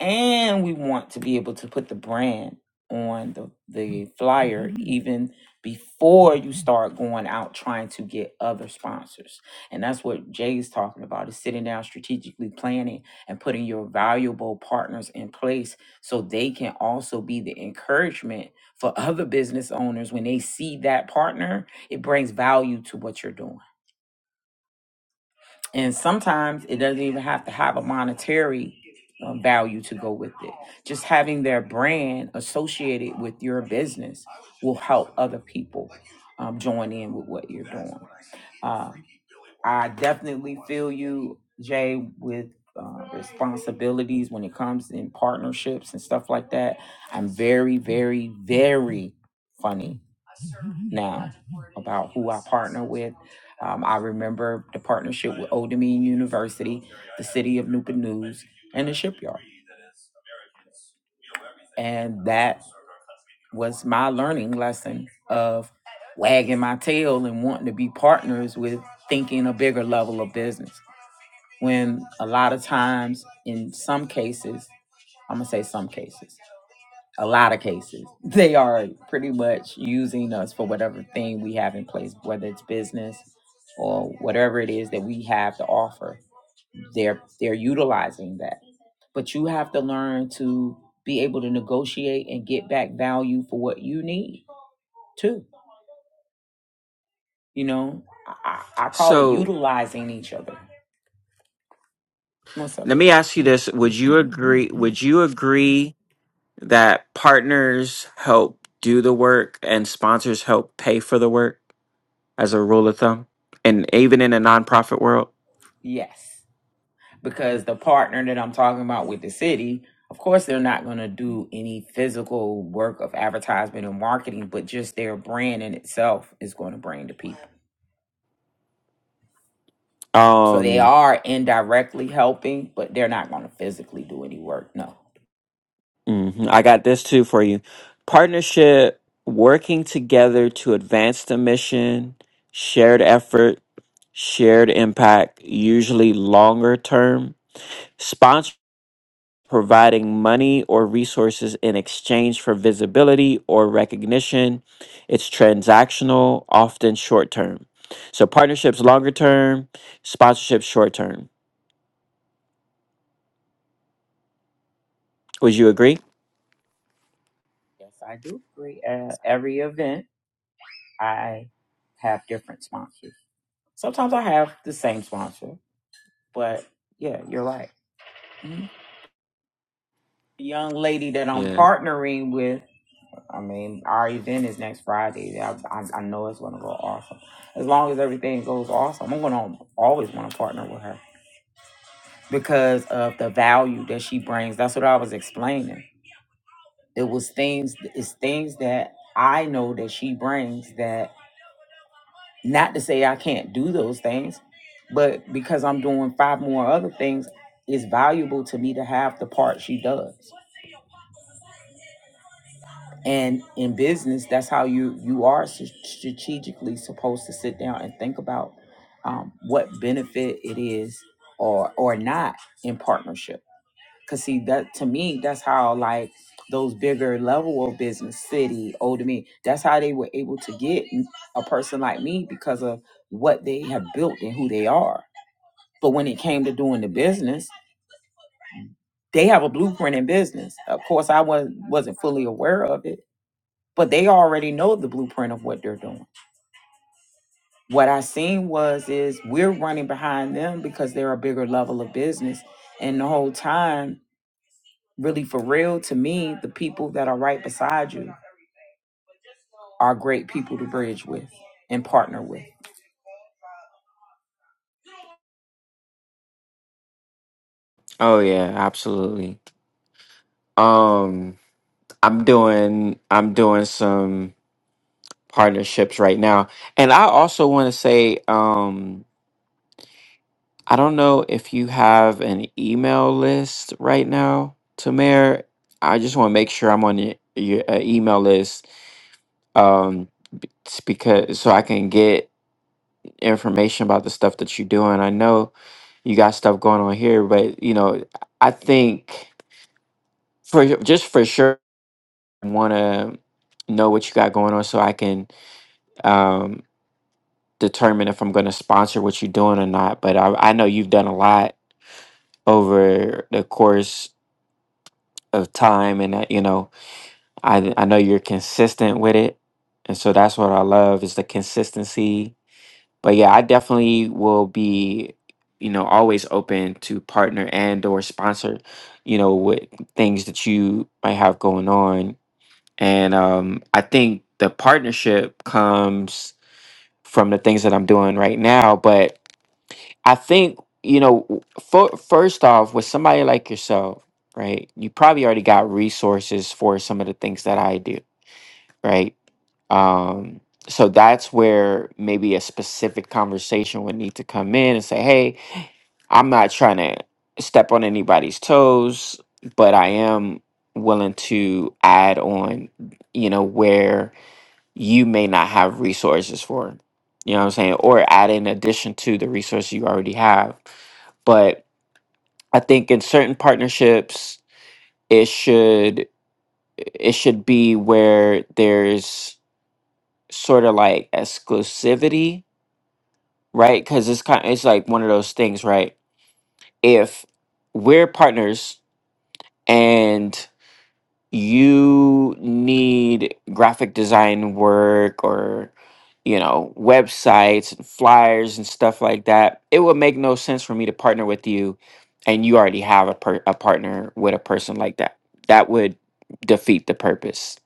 S2: and we want to be able to put the brand on the the flyer Mhm. even before you start going out trying to get other sponsors and that's what jay's talking about is sitting down strategically planning and putting your valuable partners in place so they can also be the encouragement for other business owners when they see that partner it brings value to what you're doing and sometimes it doesn't even have to have a monetary um, value to go with it. Just having their brand associated with your business will help other people um, join in with what you're doing. Uh, I definitely feel you, Jay, with uh, responsibilities when it comes in partnerships and stuff like that. I'm very, very, very funny now about who I partner with. Um, I remember the partnership with Old Dominion University, the city of Newport News, and the shipyard. And that was my learning lesson of wagging my tail and wanting to be partners with thinking a bigger level of business. When a lot of times, in some cases, I'm gonna say some cases, a lot of cases, they are pretty much using us for whatever thing we have in place, whether it's business or whatever it is that we have to offer. They're they're utilizing that. But you have to learn to be able to negotiate and get back value for what you need too. You know, I, I I call it
S4: So
S2: utilizing each other. What's up,
S4: let me
S2: Jay?
S4: ask you this. Would you agree? Would you agree that partners help do the work and sponsors help pay for the work as a rule of thumb? And even in a nonprofit world?
S2: Yes. because the partner that I'm talking about with the city, of course, they're not going to do any physical work of advertisement and marketing, but just their brand in itself is going to bring the people. So they
S4: Um,
S2: are indirectly helping, but they're not going to physically do any work. No.
S4: hmm I got this too for you. Partnership, working together to advance the mission, shared effort, shared impact, usually longer term. Sponsor, providing money or resources in exchange for visibility or recognition. It's transactional, often short term. So partnerships longer term, sponsorships short term. Would you agree?
S2: Yes, I do agree. Uh, every event, I have different sponsors. Sometimes I have the same sponsor, but yeah, you're right. Mhm. The young lady that I'm
S4: Yeah.
S2: partnering with. I mean, our event is next Friday. I, I, I know it's going to go awesome. As long as everything goes awesome, I'm going to always want to partner with her because of the value that she brings. That's what I was explaining. It was things, it's things that I know that she brings that, not to say I can't do those things, but because I'm doing five more other things, it's valuable to me to have the part she does. and in business that's how you you are s- strategically supposed to sit down and think about um, what benefit it is or or not in partnership because see that to me that's how like those bigger level of business city older me that's how they were able to get a person like me because of what they have built and who they are but when it came to doing the business they have a blueprint in business of course i was, wasn't fully aware of it but they already know the blueprint of what they're doing. What I seen was is we're running behind them because they're a bigger level of business. And the whole time, really for real, to me, the people that are right beside you are great people to bridge with and partner with.
S4: Oh yeah, absolutely. Um. I'm doing I'm doing some partnerships right now. And I also want to say um I don't know if you have an email list right now, Tamir. I just want to make sure I'm on your, your uh, email list um s- because so I can get information about the stuff that you're doing. I know you got stuff going on here, but you know, I think for just for sure I want to know what you got going on so I can um, determine if I'm going to sponsor what you're doing or not. But I, I know you've done a lot over the course of time, and uh, you know, I I know you're consistent with it, and so that's what I love is the consistency. But yeah, I definitely will be, you know, always open to partner and or sponsor, you know, with things that you might have going on, and um, I think the partnership comes from the things that I'm doing right now, but I think, you know, for, first off, with somebody like yourself, right, you probably already got resources for some of the things that I do, right? Um, so that's where maybe a specific conversation would need to come in and say, hey, I'm not trying to step on anybody's toes, but I am willing to add on, you know, where you may not have resources for. You know what I'm saying? Or add in addition to the resources you already have. But I think in certain partnerships, it should it should be where there's sort of like exclusivity, right? Because it's kind it's like one of those things, right? If we're partners you need graphic design work or you know websites and flyers and stuff like that it would make no sense for me to partner with you and you already have a, per- a partner with a person like that that would defeat the purpose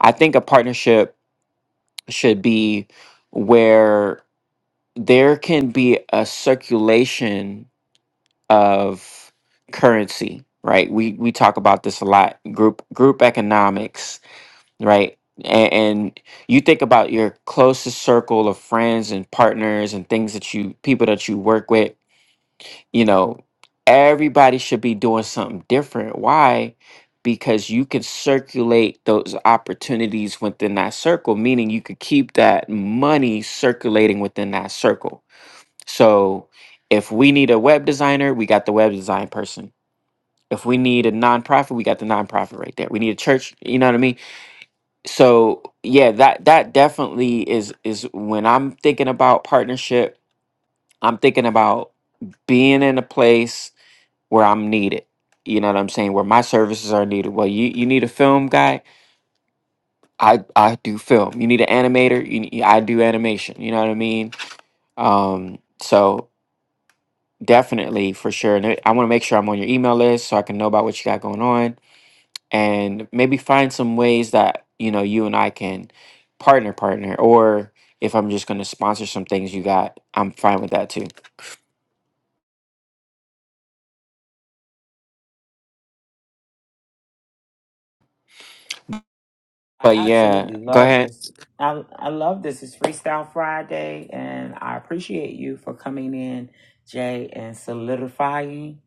S4: i think a partnership should be where there can be a circulation of currency right we we talk about this a lot group group economics right? And, and you think about your closest circle of friends and partners and things that you, people that you work with, you know, everybody should be doing something different. Why? Because you can circulate those opportunities within that circle, meaning you could keep that money circulating within that circle. So if we need a web designer, we got the web design person. If we need a nonprofit, we got the nonprofit right there. We need a church, you know what I mean? so yeah that that definitely is is when i'm thinking about partnership i'm thinking about being in a place where i'm needed you know what i'm saying where my services are needed well you you need a film guy i i do film you need an animator you, ne- i do animation you know what i mean um so definitely for sure and i want to make sure i'm on your email list so i can know about what you got going on and maybe find some ways that you know you and I can partner partner or if I'm just going to sponsor some things you got I'm fine with that too.
S2: I
S4: But yeah,
S2: absolutely
S4: go
S2: love
S4: ahead.
S2: this. I, I love this. It's Freestyle Friday, and I appreciate you for coming in, Jay, and solidifying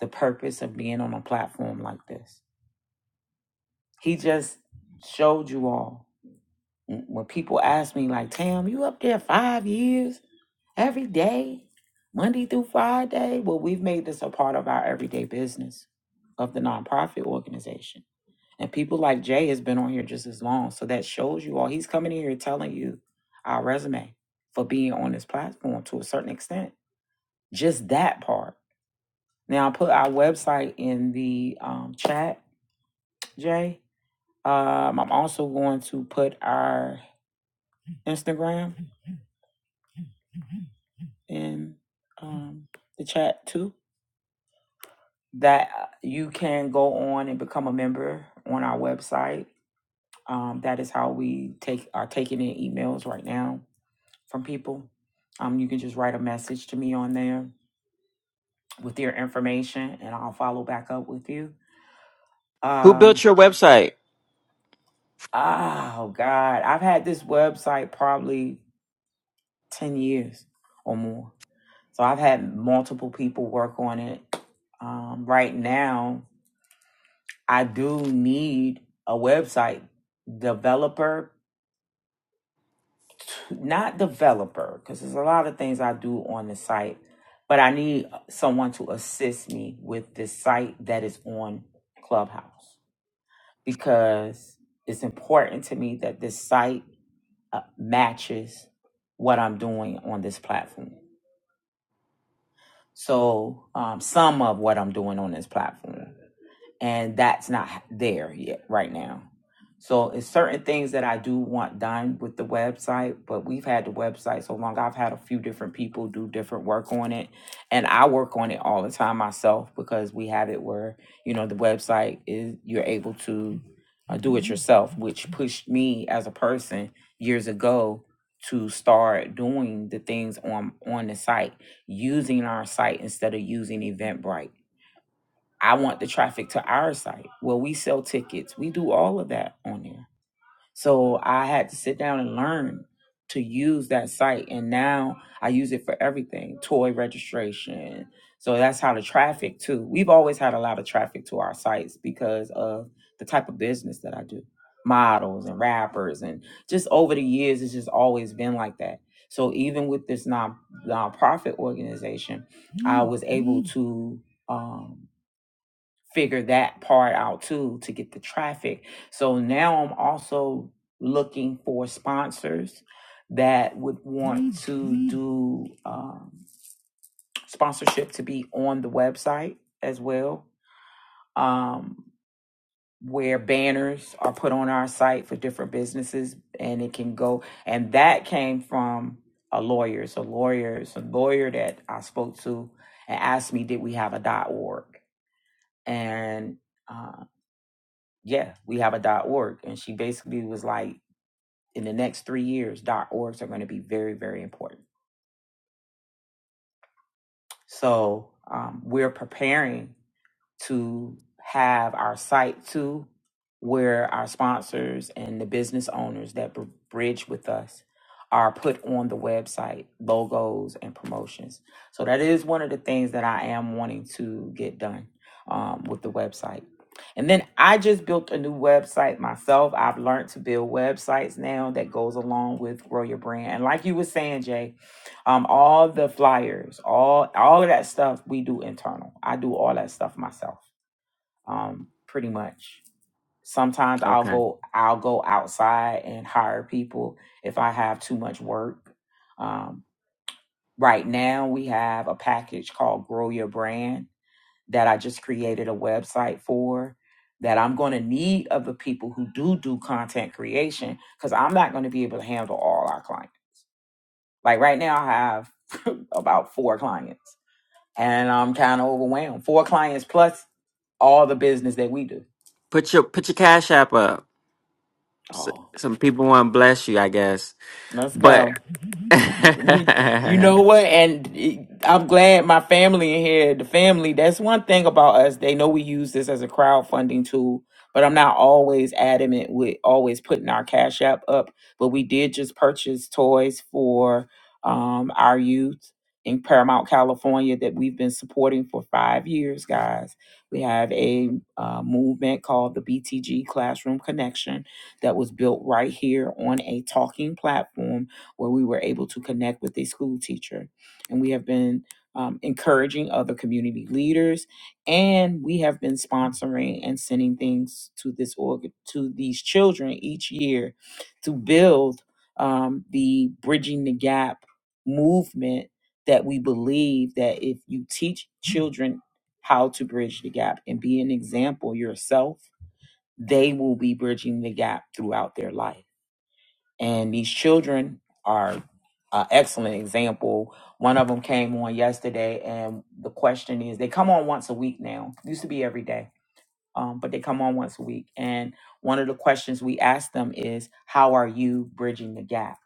S2: the purpose of being on a platform like this. He just showed you all when people ask me like tam you up there five years every day monday through friday well we've made this a part of our everyday business of the nonprofit organization and people like jay has been on here just as long so that shows you all he's coming in here telling you our resume for being on this platform to a certain extent just that part now i put our website in the um, chat jay um, i'm also going to put our instagram in um, the chat too that uh, you can go on and become a member on our website. Um, that is how we take are taking in emails right now from people. Um, you can just write a message to me on there with your information, and I'll follow back up with you.
S4: Who
S2: Um,
S4: built your website?
S2: oh God, I've had this website probably ten years or more. So I've had multiple people work on it. Um, right now, I do need a website developer, not developer, because there's a lot of things I do on the site, but I need someone to assist me with this site that is on Clubhouse because it's important to me that this site uh, matches what I'm doing on this platform. So, um, some of what I'm doing on this platform. and that's not there yet right now. So it's certain things that I do want done with the website, but we've had the website so long. I've had a few different people do different work on it, and I work on it all the time myself because we have it where you know the website is you're able to uh, do it yourself, which pushed me as a person years ago to start doing the things on on the site, using our site instead of using Eventbrite I want the traffic to our site where we sell tickets. We do all of that on there. So I had to sit down and learn to use that site. And now I use it for everything toy registration. So that's how the traffic, too. We've always had a lot of traffic to our sites because of the type of business that I do models and rappers. And just over the years, it's just always been like that. So even with this non nonprofit organization, I was able to. Um, figure that part out too to get the traffic. So now I'm also looking for sponsors that would want Mhm. to do um, sponsorship to be on the website as well, um, where banners are put on our site for different businesses and it can go. And that came from a lawyer. so lawyers, a lawyer that I spoke to and asked me, did we have a org? And uh, yeah, we have a org. And she basically was like, in the next three years, orgs are going to be very, very important. So um, we're preparing. to have our site to where our sponsors and the business owners that br- bridge with us are put on the website logos and promotions so that is one of the things that i am wanting to get done um, with the website and then i just built a new website myself i've learned to build websites now that goes along with grow your brand and like you were saying jay um all the flyers all all of that stuff we do internal i do all that stuff myself um, pretty much. Sometimes I'll
S4: Okay.
S2: go I'll go outside and hire people if I have too much work. Um, right now we have a package called Grow Your Brand that I just created a website for that I'm going to need of the people who do do content creation because I'm not going to be able to handle all our clients. Like right now I have about four clients and I'm kind of overwhelmed. Four clients plus all the business that we do.
S4: Put your put your cash app up. S-
S2: Oh,
S4: Some people want to bless you, I guess.
S2: let's
S4: But
S2: go. we you know what and i'm glad my family in here the family that's one thing about us they know we use this as a crowdfunding tool but i'm not always adamant with always putting our cash app up but we did just purchase toys for um, our youth in paramount california that we've been supporting for five years guys we have a uh, movement called the btg classroom connection that was built right here on a talking platform where we were able to connect with a school teacher. And we have been um, encouraging other community leaders, and we have been sponsoring and sending things to this org- to these children each year to build um, the bridging the gap movement that we believe that if you teach children how to bridge the gap and be an example yourself, they will be bridging the gap throughout their life and these children are an excellent example. One of them came on yesterday, and the question is, they come on once a week now. Used to be every day, um, but they come on once a week. And one of the questions we asked them is, "How are you bridging the gap?"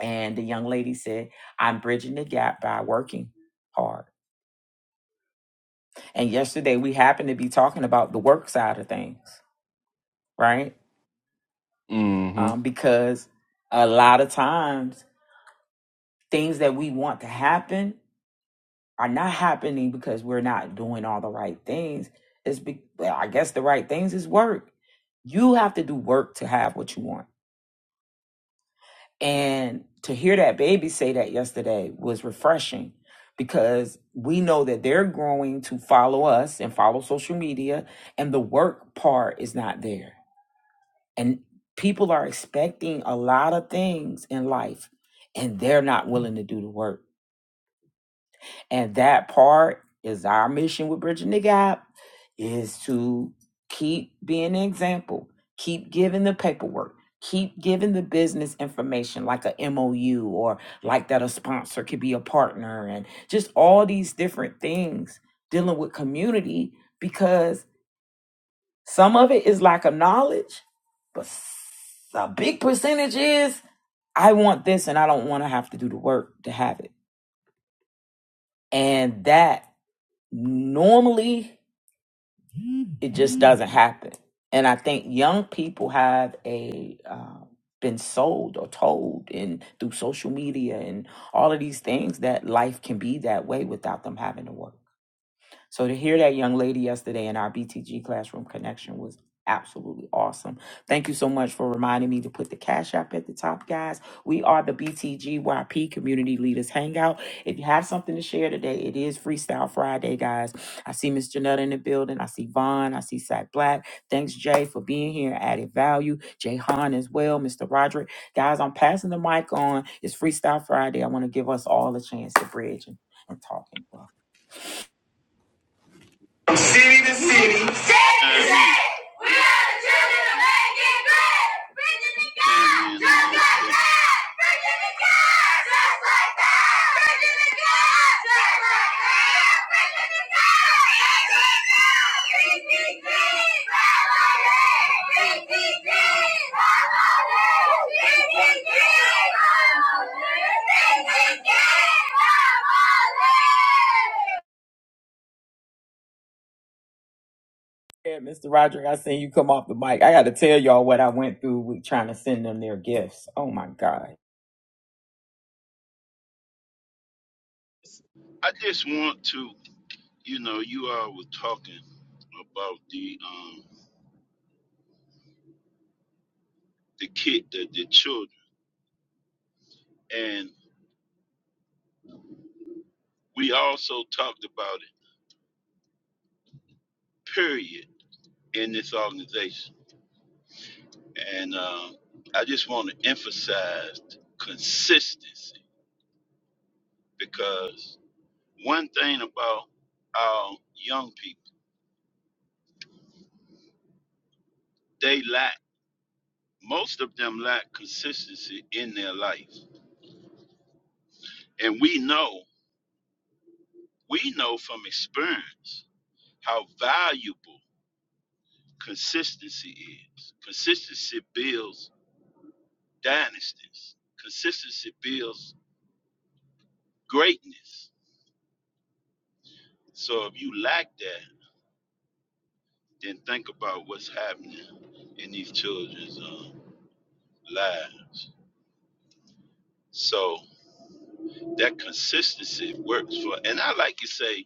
S2: And the young lady said, "I'm bridging the gap by working hard." And yesterday we happened to be talking about the work side of things, right?
S4: Mhm.
S2: Um, because a lot of times things that we want to happen are not happening because we're not doing all the right things. It's be, well, I guess the right things is work. You have to do work to have what you want. And to hear that baby say that yesterday was refreshing because we know that they're growing to follow us and follow social media and the work part is not there. And people are expecting a lot of things in life and they're not willing to do the work And that part is our mission with Bridging the Gap is to keep being an example, keep giving the paperwork, keep giving the business information like a MOU or like that a sponsor could be a partner and just all these different things dealing with community because some of it is lack of knowledge, but s- a big percentage is I want this and I don't want to have to do the work to have it. And that normally it just doesn't happen. And I think young people have a uh, been sold or told, in through social media and all of these things, that life can be that way without them having to work. So to hear that young lady yesterday in our BTG classroom connection was absolutely awesome. Thank you so much for reminding me to put the cash app at the top, guys. We are the BTGYP Community Leaders Hangout. If you have something to share today, it is Freestyle Friday, guys. I see Miss Janetta in the building. I see Vaughn. I see Sack Black. Thanks, Jay, for being here. Added value. Jay Han as well. Mr. Roderick. Guys, I'm passing the mic on. It's Freestyle Friday. I want to give us all a chance to bridge and, and talk and flow.
S3: From city to city. City
S1: I
S3: to city. We are the
S1: gotta chime in,
S3: children of making great. Preaching to
S1: chime
S3: God.
S1: in on the
S3: Just like
S1: education.
S3: that. Preaching to God. Just like that. Preaching to God. Just like that. Preaching to God. Just like that. PTT. Family. PTT. Family. PTT. Family. PTT. Family.
S2: Yeah, Mr. Roderick, I seen you come off the mic. I got to tell y'all what I went through with trying to send them their gifts. Oh my God.
S1: I just want to. You know, you all were talking about the um the kid, the, the children, and we also talked about it. Period in this organization, and um, I just want to emphasize consistency because one thing about our young people, they lack most of them lack consistency in their life, and we know we know from experience how valuable consistency is. Consistency builds dynasties. Consistency builds greatness. So if you lack that, then think about what's happening in these children's um, lives. So that consistency works for. And I like to say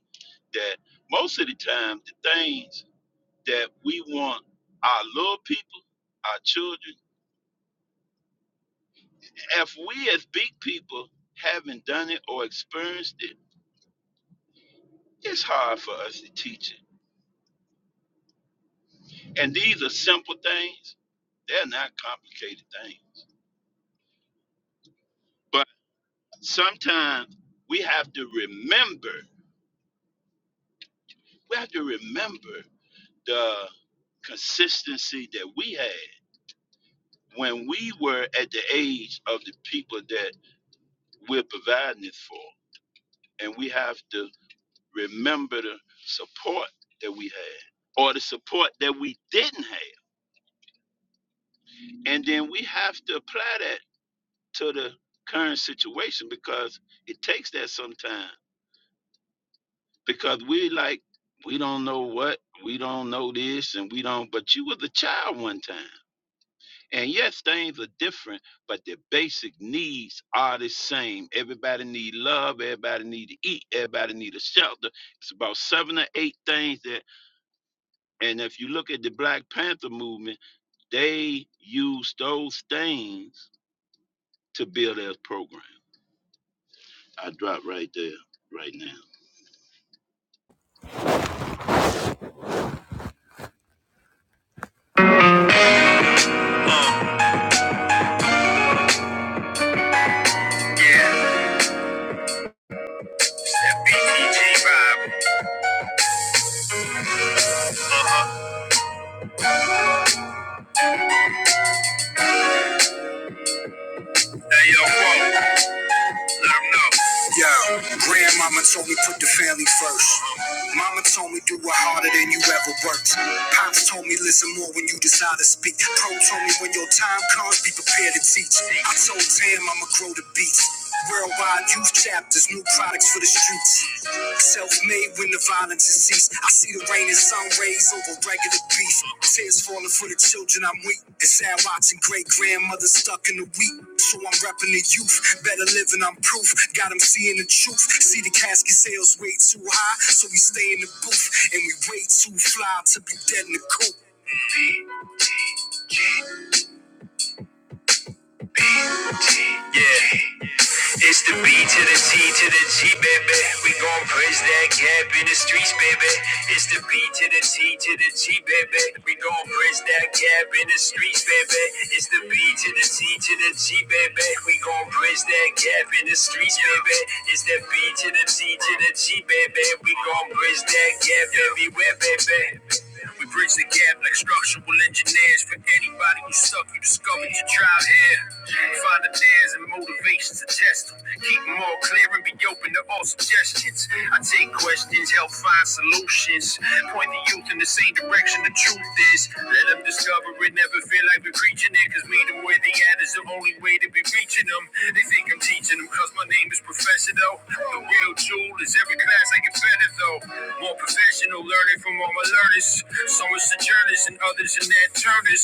S1: that most of the time, the things that we want our little people, our children, if we as big people haven't done it or experienced it It's hard for us to teach it. And these are simple things, they're not complicated things. But sometimes we have to remember, we have to remember the consistency that we had when we were at the age of the people that we're providing it for. And we have to remember the support that we had or the support that we didn't have. And then we have to apply that to the current situation because it takes that sometimes because we like we don't know what we don't know this and we don't but you was a child one time and yes things are different but the basic needs are the same everybody need love everybody need to eat everybody need a shelter it's about seven or eight things that and if you look at the black panther movement they use those things to build their program i drop right there right now
S3: Yeah. P T T vibe. Hey, Yo, grandmama told me put the family first. Mama told me do it harder than you ever worked. Pops told me listen more when you decide to speak. Pro told me when your time comes, be prepared to teach. I told Tam I'ma grow the beats. Worldwide youth chapters, new products for the streets. Self-made when the violence I see the rain and sun rays over regular beef. Tears falling for the children I'm weak. It's sad watching great grandmother stuck in the wheat. So I'm repping the youth. Better living, I'm proof. Got 'em seeing the truth. See the casket sales way too high. So we stay in the booth. And we way too fly to be dead in the coop. Yeah, it's the B to the C to the G, baby. We gon' bridge that gap in the streets, baby. It's the B to the C to the G, baby. We gon' bridge in the streets, baby. It's the B to the G, baby. We gon' bridge that gap in the streets, baby. It's the B to the G to the G, baby. We gon' bridge that gap everywhere, baby. Triple engineers for anybody who suck. You discovered your tribe here. Find a chance to test them. Keep them all clear and be open to all actions. I take questions, help find solutions. Point the youth in the same direction the truth is. Let them discover it, never feel like we're preaching it. Cause meet them where they at is the only way to be reaching them. They think I'm teaching them cause my name is Professor though. The real jewel is every class I get better though. More professional learning from all my learners. Some are sojourners and others in their turners.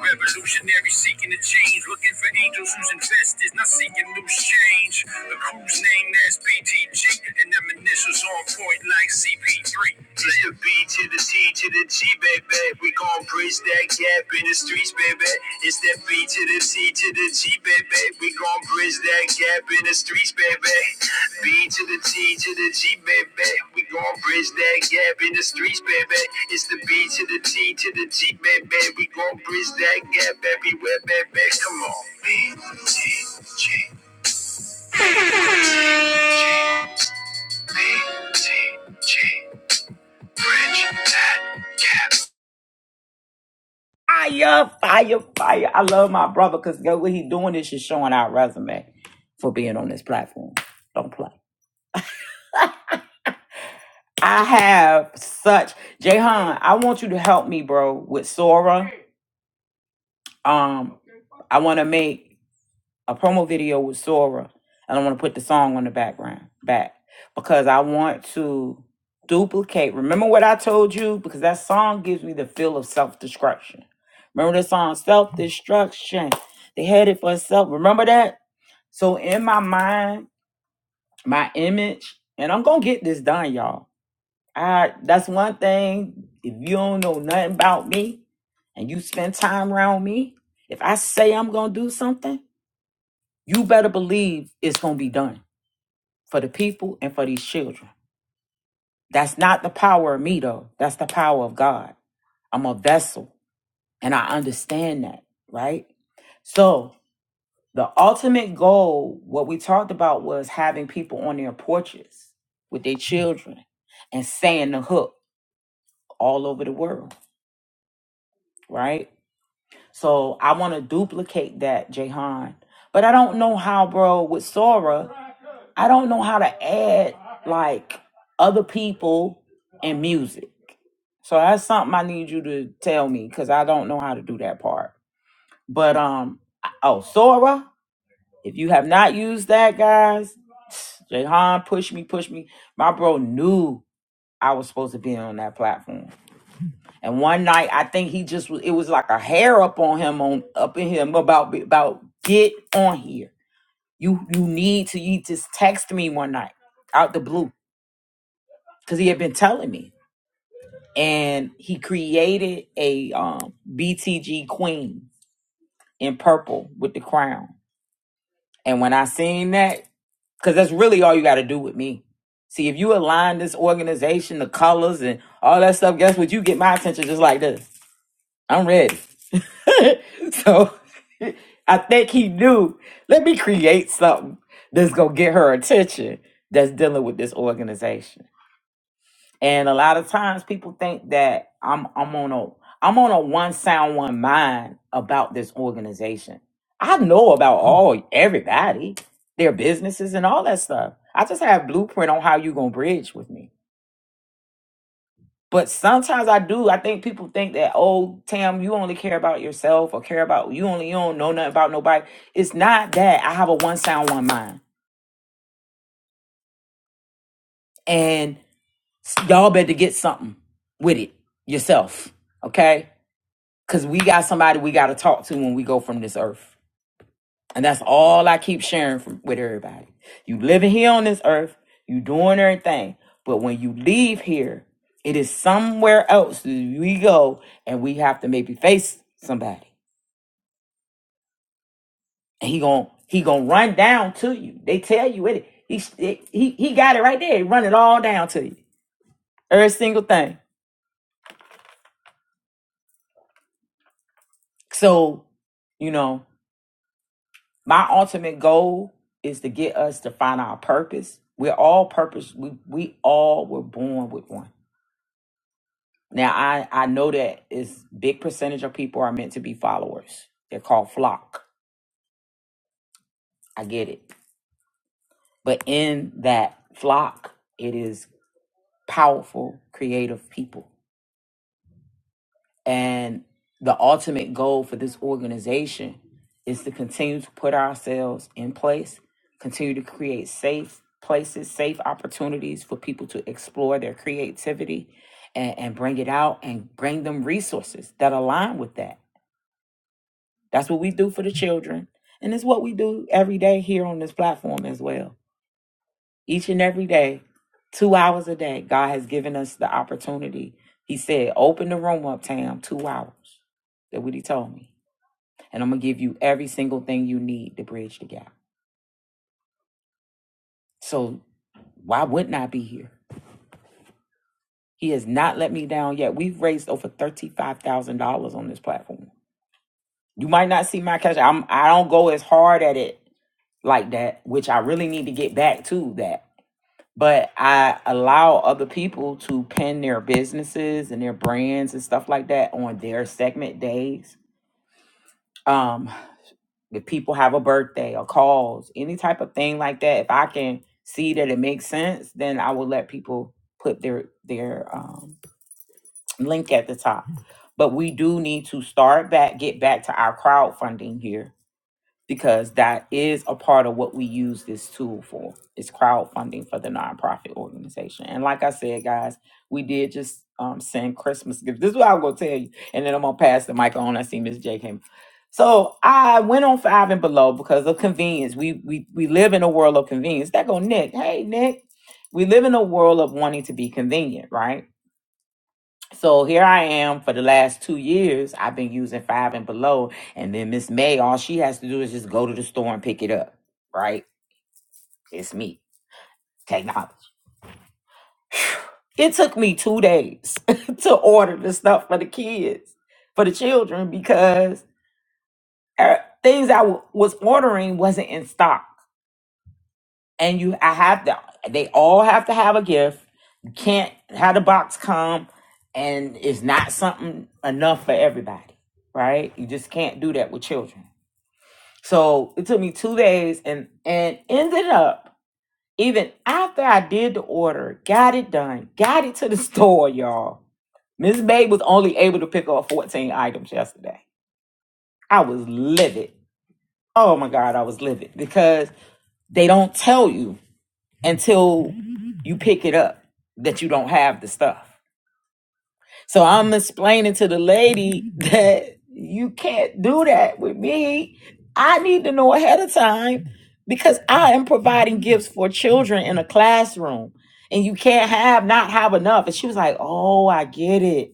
S3: Revolutionary seeking to change, looking for angels whose investors, not seeking loose change. The crew's name that's BTG and them initials on point like CP3. It's the B to the T to the G, baby. We gon' bridge that gap in the streets, baby. It's that B to the T to the G, baby. We gon' bridge that gap in the streets, baby. B to the T to the G, baby. We gon' bridge that gap in the streets, baby. It's the B to the T to the G, baby. We gon' bridge that gap everywhere, baby. Come on. B T G.
S2: Fire, fire, fire. I love my brother because what he doing is just showing our resume for being on this platform. Don't play. I have such, Jayhan, I want you to help me, bro, with Sora. Um, I want to make a promo video with Sora, and I want to put the song on the background back because I want to duplicate. Remember what I told you because that song gives me the feel of self destruction. Remember the song self destruction. They had it for itself. Remember that. So in my mind, my image, and I'm gonna get this done, y'all. I that's one thing. If you don't know nothing about me and you spend time around me, if I say I'm gonna do something. You better believe it's going to be done for the people and for these children. That's not the power of me, though. That's the power of God. I'm a vessel, and I understand that, right? So, the ultimate goal, what we talked about, was having people on their porches with their children and saying the hook all over the world, right? So I want to duplicate that, Jahan. But I don't know how, bro, with Sora, I don't know how to add like other people and music. So that's something I need you to tell me because I don't know how to do that part. But um oh Sora, if you have not used that, guys, Jahan, push me, push me. My bro knew I was supposed to be on that platform. And one night, I think he just was, it was like a hair up on him on up in him about about get on here. You you need to. He just texted me one night out the blue because he had been telling me, and he created a um, BTG queen in purple with the crown. And when I seen that, because that's really all you got to do with me. See, if you align this organization, the colors and all that stuff, guess what? You get my attention just like this. I'm ready. so I think he knew, let me create something that's going to get her attention that's dealing with this organization. And a lot of times people think that I'm I'm on a I'm on a one sound one mind about this organization. I know about all everybody, their businesses and all that stuff. I just have blueprint on how you going to bridge with me. But sometimes I do. I think people think that, oh, Tam, you only care about yourself or care about you only you don't know nothing about nobody. It's not that I have a one sound, one mind. And y'all better get something with it yourself. Okay? Cause we got somebody we gotta talk to when we go from this earth. And that's all I keep sharing from, with everybody. You living here on this earth, you doing everything. But when you leave here, it is somewhere else that we go and we have to maybe face somebody And he gon' he gonna run down to you. They tell you it. He he he got it right there. He run it all down to you. Every single thing. So, you know, my ultimate goal is to get us to find our purpose. We're all purpose. We we all were born with one. Now I I know that is big percentage of people are meant to be followers. They're called flock. I get it. But in that flock, it is powerful, creative people And the ultimate goal for this organization is to continue to put ourselves in place, continue to create safe places, safe opportunities for people to explore their creativity and, and bring it out and bring them resources that align with that. That's what we do for the children. And it's what we do every day here on this platform as well each and every day, two hours a day. God has given us the opportunity. He said, open the room up, Tam, two hours. That what he told me. And I'm gonna give you every single thing you need to bridge the gap. So why wouldn't I be here? He has not let me down yet. We've raised over thirty-five thousand dollars on this platform. You might not see my cash. I'm I don't go as hard at it like that, which I really need to get back to that but I allow other people to pin their businesses and their brands and stuff like that on their segment days. Um, if people have a birthday or calls, any type of thing like that, if I can see that it makes sense, then I will let people put their their um, link at the top. But we do need to start back, get back to our crowdfunding here because that is a part of what we use this tool for its crowdfunding for the nonprofit organization and like i said guys we did just um, send christmas gifts this is what i'm going to tell you and then i'm going to pass the mic on i see miss j came so i went on five and below because of convenience we we, we live in a world of convenience that go nick hey nick we live in a world of wanting to be convenient right so here I am for the last two years. I've been using five and below. And then Miss May, all she has to do is just go to the store and pick it up. Right? It's me. Technology. It took me two days to order the stuff for the kids, for the children, because uh, things I w- was ordering wasn't in stock. and you I have to they all have to have a gift. You can't have the box come and it's not something enough for everybody, right? You just can't do that with children. So it took me two days and and ended up even after I did the order, got it done, got it to the store, y'all. Miss May was only able to pick up 14 items yesterday. I was livid. Oh my God, I was livid because they don't tell you. until you pick it up that you don't have the stuff. So I'm explaining to the lady that you can't do that with me. I need to know ahead of time because I am providing gifts for children in a classroom and you can't have not have enough. And she was like, "Oh, I get it."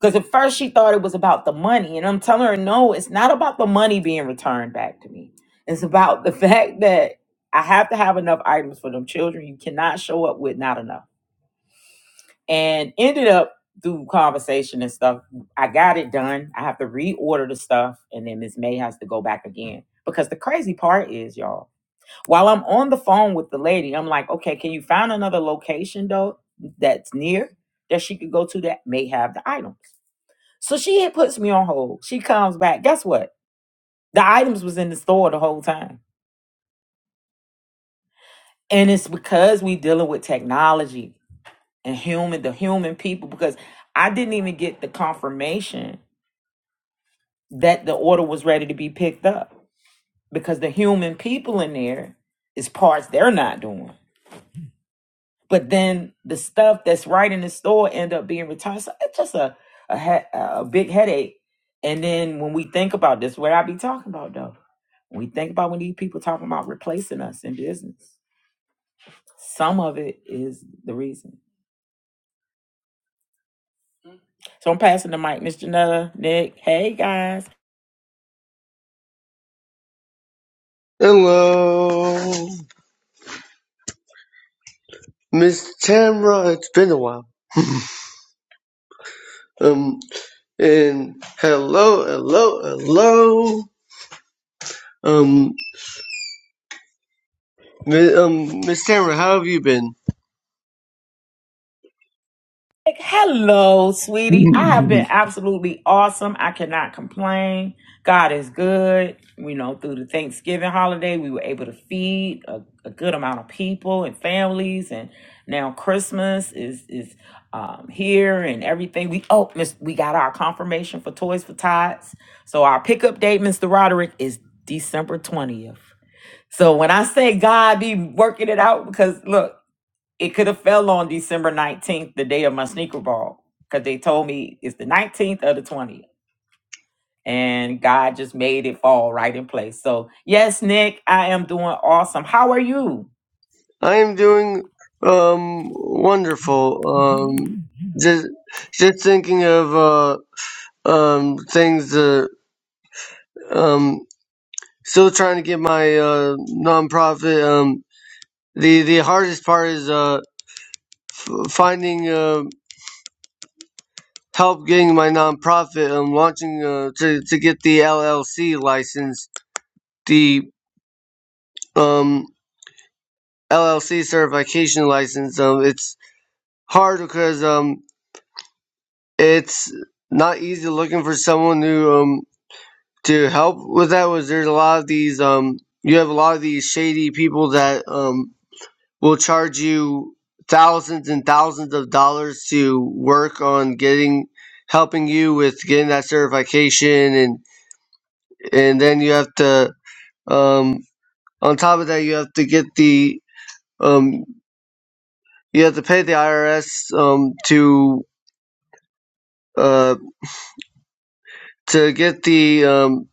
S2: Because at first she thought it was about the money. And I'm telling her, no, it's not about the money being returned back to me. It's about the fact that I have to have enough items for them children. You cannot show up with not enough. And ended up through conversation and stuff. I got it done. I have to reorder the stuff. And then Miss May has to go back again. Because the crazy part is, y'all, while I'm on the phone with the lady, I'm like, okay, can you find another location though that's near that she could go to that may have the item? So she had puts me on hold. She comes back. Guess what? The items was in the store the whole time. And it's because we dealing with technology and human, the human people, because I didn't even get the confirmation that the order was ready to be picked up. Because the human people in there is parts they're not doing. But then the stuff that's right in the store end up being returned. So it's just a a, he- a big headache. And then when we think about this, what I be talking about though? When we think about when these people talking about replacing us in business, some of it is the reason. So I'm passing the mic, Miss Janetta, Nick. Hey guys.
S5: Hello, Miss Tamra. It's been a while. Um, and hello, hello, hello. Um, mi- um, Miss Tamra, how have you been?
S2: Like, Hello, sweetie. I have been absolutely awesome. I cannot complain. God is good. You know, through the Thanksgiving holiday, we were able to feed a, a good amount of people and families, and now Christmas is is um, here and everything. We oh, miss, we got our confirmation for Toys for Tots. So our pickup date, Mr. Roderick, is December twentieth. So when I say God be working it out, because look. It could have fell on December 19th, the day of my sneaker ball, because they told me it's the 19th or the 20th. And God just made it fall right in place. So, yes, Nick, I am doing awesome. How are you?
S5: I am doing um wonderful. Um, just just thinking of uh um things that um still trying to get my uh nonprofit. Um, the the hardest part is uh f- finding uh, help getting my nonprofit um launching uh, to to get the LLC license, the um LLC certification license. Um, it's hard because um it's not easy looking for someone who um to help with that. Was there's a lot of these um you have a lot of these shady people that um will charge you thousands and thousands of dollars to work on getting helping you with getting that certification and and then you have to Um, on top of that, you have to get the um, you have to pay the IRS um, to uh, to get the um,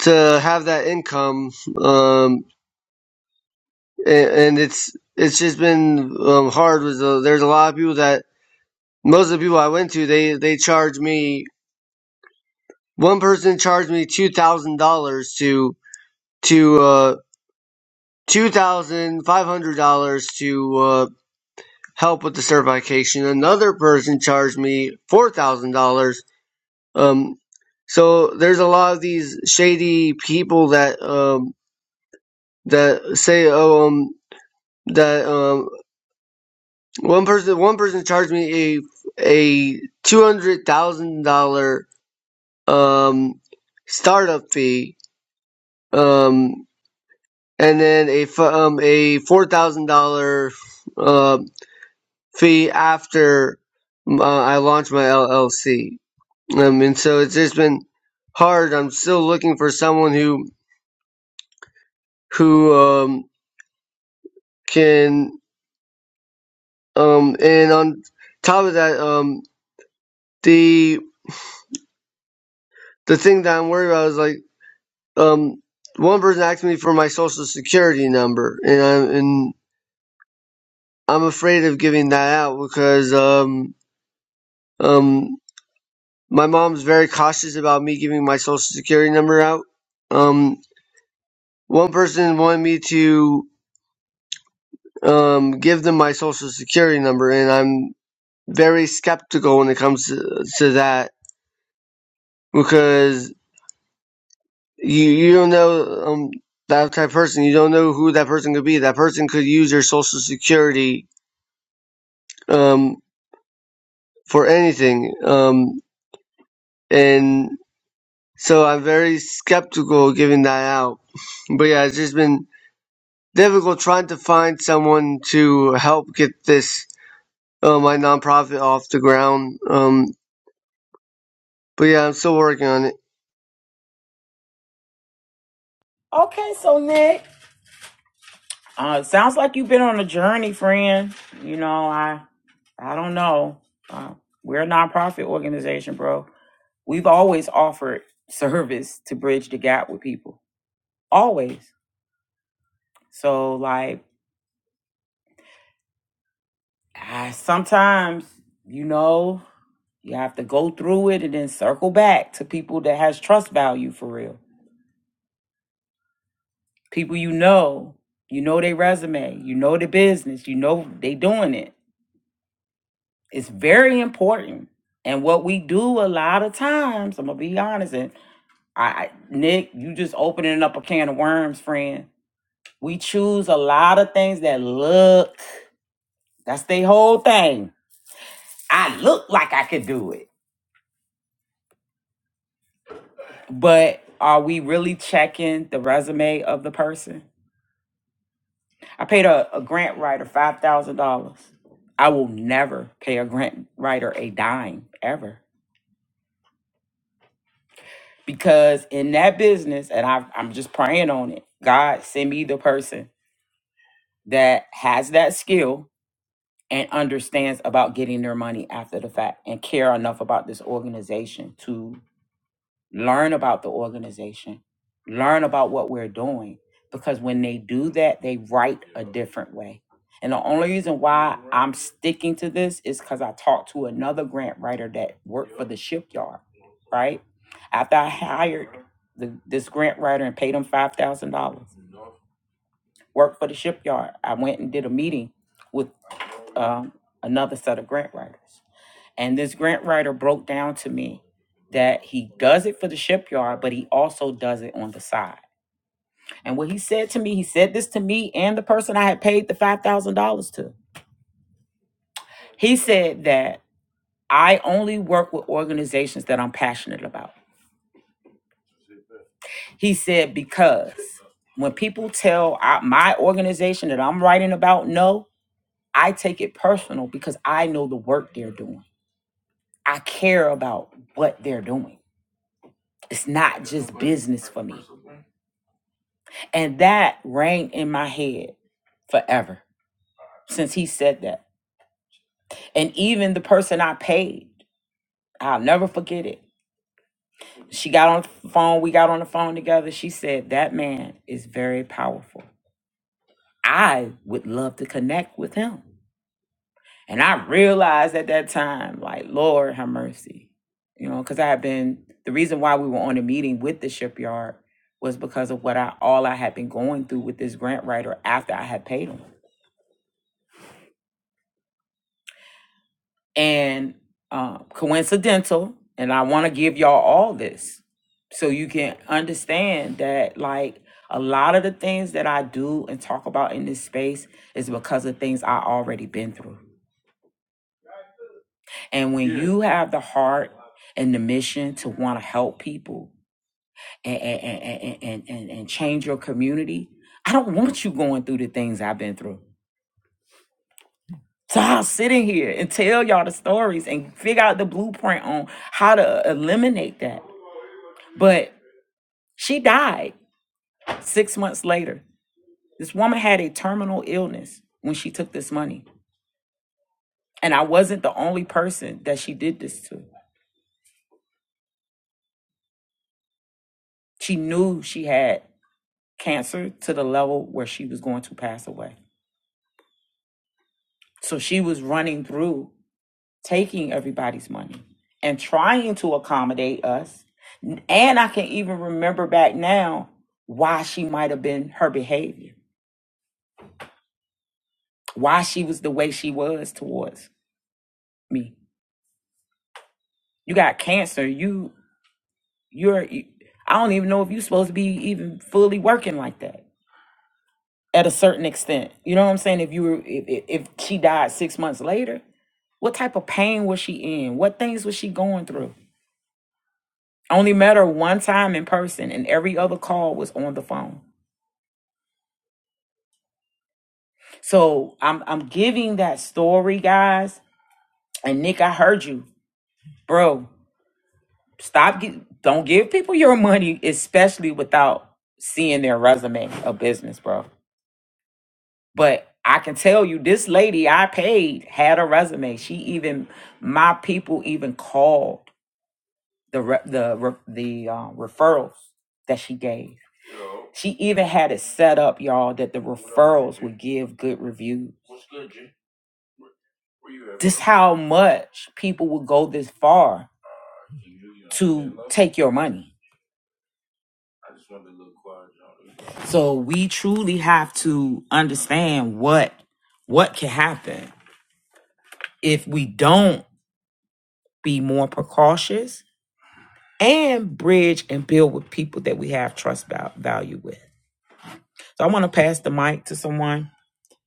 S5: to have that income, um, and, and it's it's just been um, hard. With the, there's a lot of people that most of the people I went to, they they charge me. One person charged me two thousand dollars to to uh, two thousand five hundred dollars to uh, help with the certification. Another person charged me four thousand dollars. Um, so there's a lot of these shady people that um that say oh um that um one person one person charged me a a two hundred thousand dollar um startup fee um and then a um a four thousand dollar uh fee after uh, I launched my LLC Um, and so it's just been hard. I'm still looking for someone who who um, can um, and on top of that, um, the the thing that I'm worried about is like um, one person asked me for my social security number, and I'm and I'm afraid of giving that out because um, um, my mom's very cautious about me giving my social security number out. Um, one person wanted me to um, give them my social security number, and I'm very skeptical when it comes to, to that because you you don't know um, that type of person. You don't know who that person could be. That person could use your social security um, for anything, um, and so I'm very skeptical giving that out. But yeah, it's just been difficult trying to find someone to help get this uh, my nonprofit off the ground. Um, but yeah, I'm still working on it.
S2: Okay, so Nick, uh, sounds like you've been on a journey, friend. You know, I I don't know. Uh, we're a nonprofit organization, bro. We've always offered service to bridge the gap with people, always. So like I, sometimes, you know, you have to go through it and then circle back to people that has trust value for real. People you know, you know their resume, you know the business, you know they doing it. It's very important. And what we do a lot of times, I'm gonna be honest, and I Nick, you just opening up a can of worms, friend. We choose a lot of things that look, that's the whole thing. I look like I could do it but are we really checking the resume of the person? I paid a, a grant writer five thousand dollars. I will never pay a grant writer a dime ever because in that business, and I, I'm just praying on it. God send me the person that has that skill and understands about getting their money after the fact and care enough about this organization to. learn about the organization, learn about what we're doing. Because when they do that, they write a different way. And the only reason why I'm sticking to this is because I talked to another grant writer that worked for the shipyard, right? After I hired the, this grant writer and paid him $5,000, worked for the shipyard, I went and did a meeting with um, another set of grant writers. And this grant writer broke down to me that he does it for the shipyard, but he also does it on the side. And what he said to me, he said this to me and the person I had paid the $5,000 to. He said that I only work with organizations that I'm passionate about. He said, because when people tell I, my organization that I'm writing about no, I take it personal because I know the work they're doing. I care about what they're doing. It's not just business for me. And that rang in my head forever since he said that. And even the person I paid, I'll never forget it. She got on the phone, we got on the phone together. She said, That man is very powerful. I would love to connect with him. And I realized at that time, like, Lord, have mercy. You know, because I had been, the reason why we were on a meeting with the shipyard was because of what I, all I had been going through with this grant writer after I had paid him. and uh, coincidental and i want to give y'all all this so you can understand that like a lot of the things that i do and talk about in this space is because of things i already been through and when Yeah. you have the heart and the mission to want to help people and and, and, and, and and change your community i don't want you going through the things i've been through so I'll sit in here and tell y'all the stories and figure out the blueprint on how to eliminate that But she died six months later. This woman had a terminal illness when she took this money. And I wasn't the only person that she did this to. She knew she had cancer to the level where she was going to pass away. So she was running through taking everybody's money and trying to accommodate us. And I can even remember back now why she might have been her behavior, why she was the way she was towards me. You got cancer. You You're I don't even know if you're supposed to be even fully working like that at a certain extent. You know what I'm saying? If you were if, if if she died 6 months later, what type of pain was she in? What things was she going through? I only met her one time in person and every other call was on the phone. So I'm I'm giving that story, guys. And Nick, I heard you. Bro, stop gi- don't give people your money, especially without seeing their resume of business, bro. But I can tell you, this lady I paid had a resume. She even my people even called the re- the re- the uh, referrals that she gave. She even had it set up, y'all, that the referrals would give good reviews. Just how much people would go this far to take your money. So we truly have to understand what what can happen if we don't be more precautious and bridge and build with people that we have trust val- value with. So I want to pass the mic to someone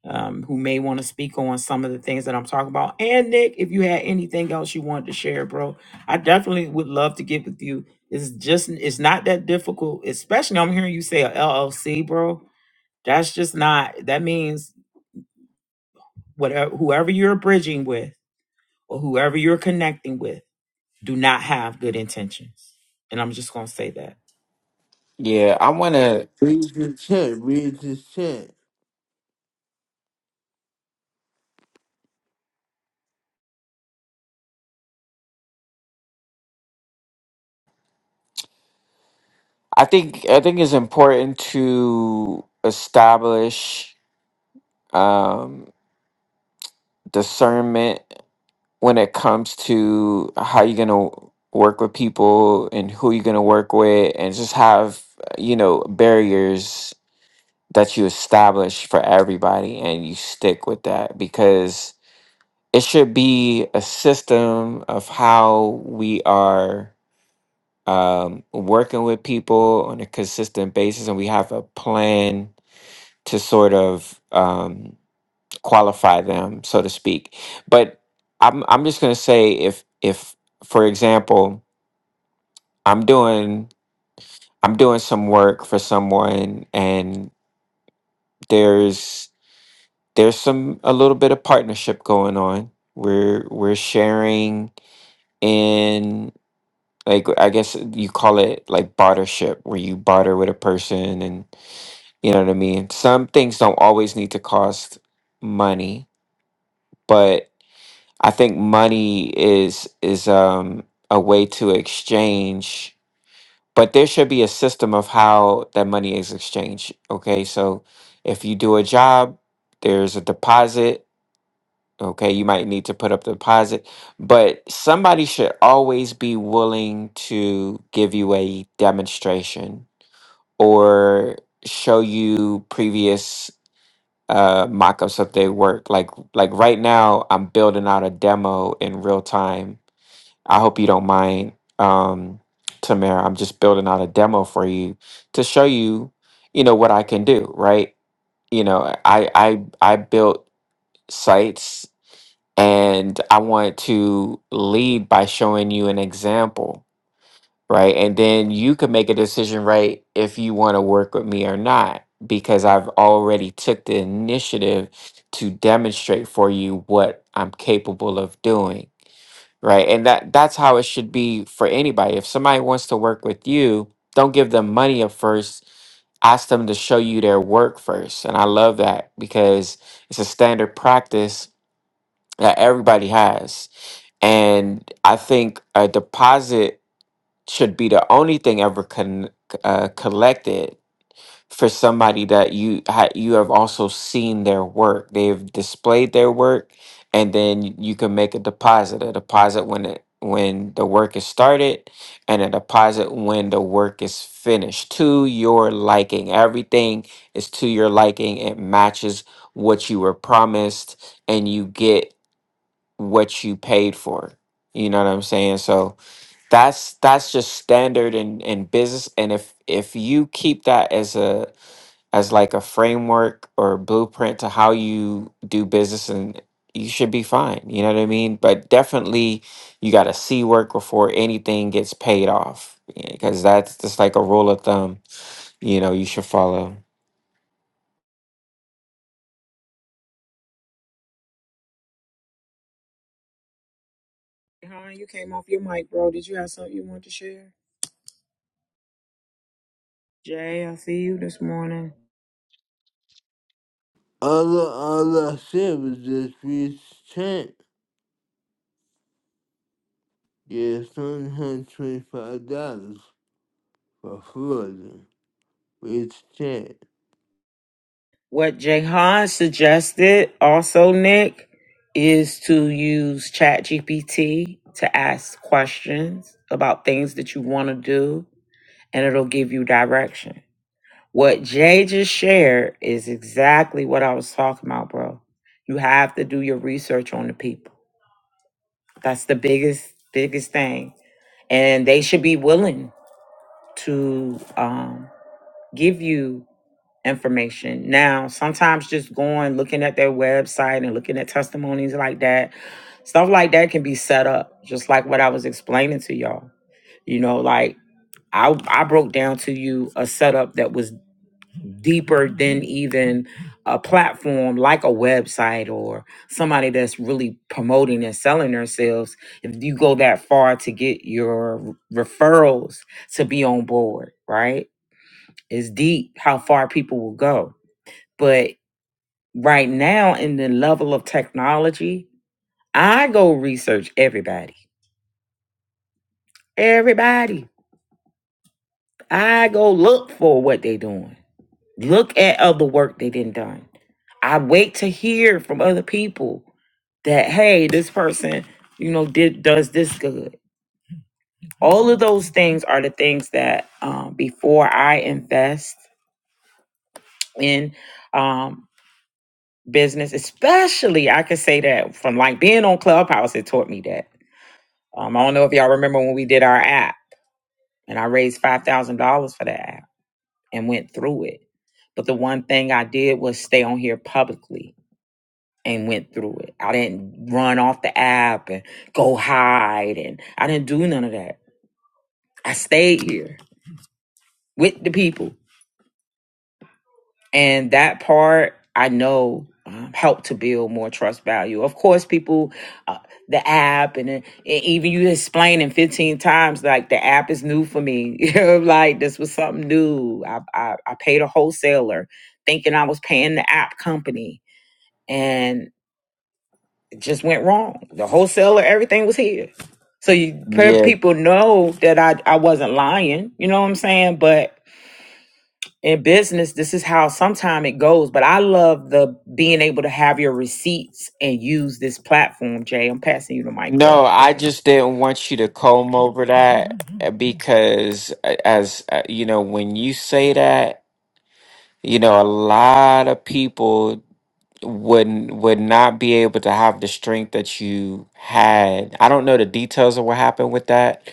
S2: um, who may want to speak on some of the things that I'm talking about. And Nick, if you had anything else you wanted to share, bro, I definitely would love to get with you. It's just it's not that difficult, especially I'm hearing you say a LLC, bro. That's just not that means whatever whoever you're bridging with or whoever you're connecting with do not have good intentions. And I'm just going to say that.
S4: Yeah, I want to I think I think it's important to establish um discernment when it comes to how you're going to work with people and who you're going to work with and just have you know barriers that you establish for everybody and you stick with that because it should be a system of how we are um, working with people on a consistent basis and we have a plan to sort of um, qualify them, so to speak. But I'm I'm just gonna say if if for example I'm doing I'm doing some work for someone and there's there's some a little bit of partnership going on. We're we're sharing in like I guess you call it like bartership where you barter with a person and you know what I mean. Some things don't always need to cost money, but I think money is is um a way to exchange, but there should be a system of how that money is exchanged. Okay, so if you do a job, there's a deposit. Okay, you might need to put up the deposit, but somebody should always be willing to give you a demonstration or show you previous uh mock-ups of their work. Like like right now, I'm building out a demo in real time I hope you don't mind, um, Tamara. I'm just building out a demo for you to show you, you know, what I can do, right? You know, I I I built sites and I want to lead by showing you an example, right? And then you can make a decision, right, if you want to work with me or not, because I've already took the initiative to demonstrate for you what I'm capable of doing right? And that that's how it should be for anybody. If somebody wants to work with you, don't give them money at first. Ask them to show you their work first. And I love that because it's a standard practice that everybody has. And I think a deposit should be the only thing ever con- uh, collected for somebody that you ha- you have also seen their work. They've displayed their work, and then you can make a deposit. A deposit when it when the work is started, and a deposit when the work is finished to your liking. Everything is to your liking. It matches what you were promised, and you get what you paid for. You know what I'm saying? So that's that's just standard in, in business. And if if you keep that as a as like a framework or blueprint to how you do business and you should be fine. You know what I mean? But definitely you got to see work before anything gets paid off because that's just like a rule of thumb, you know, you should follow.
S2: Hon, you came off your mic, bro. Did you have something you want to share? Jay, I see you this morning.
S3: Allah, Allah, shit. was changed. Give thanks to God for food, which check.
S2: What Jahan suggested also, Nick, is to use ChatGPT to ask questions about things that you want to do, and it'll give you direction. What Jay just shared is exactly what I was talking about, bro. You have to do your research on the people. That's the biggest, biggest thing. And they should be willing to um, give you information. Now, sometimes just going looking at their website and looking at testimonies like that, stuff like that can be set up, just like what I was explaining to y'all. You know, like I I broke down to you a setup that was deeper than even a platform like a website or somebody that's really promoting and selling themselves. If you go that far to get your referrals to be on board, right? It's deep how far people will go. but right now in the level of technology, I go research everybody. Everybody. I go look for what they are doing. Look at other work they didn't done. I wait to hear from other people that hey, this person, you know, did does this good. All of those things are the things that um, before I invest in um, business, especially I could say that from like being on Clubhouse, it taught me that Um, I don't know if y'all remember when we did our app and I raised $5,000 for that app and went through it. But the one thing I did was stay on here publicly and went through it. I didn't run off the app and go hide and I didn't do none of that. I stayed here with the people and that part I know um, helped to build more trust value. Of course, people, uh, the app, and, and even you explaining fifteen times like the app is new for me. You know, like this was something new. I, I I paid a wholesaler thinking I was paying the app company, and it just went wrong. The wholesaler, everything was here. So you pe-
S4: Yeah.
S2: people know that I I wasn't lying. You know what I'm saying? But in business this is how sometimes it goes but i love the being able to have your receipts and use this platform jay i'm passing you the mic bro
S4: No,
S2: go
S4: I
S2: ahead
S4: just didn't want you to comb over that uh, because uh, as uh, you know, when you say that, you know, a lot of people would would not be able to have the strength that you had. I don't know the details of what happened with that,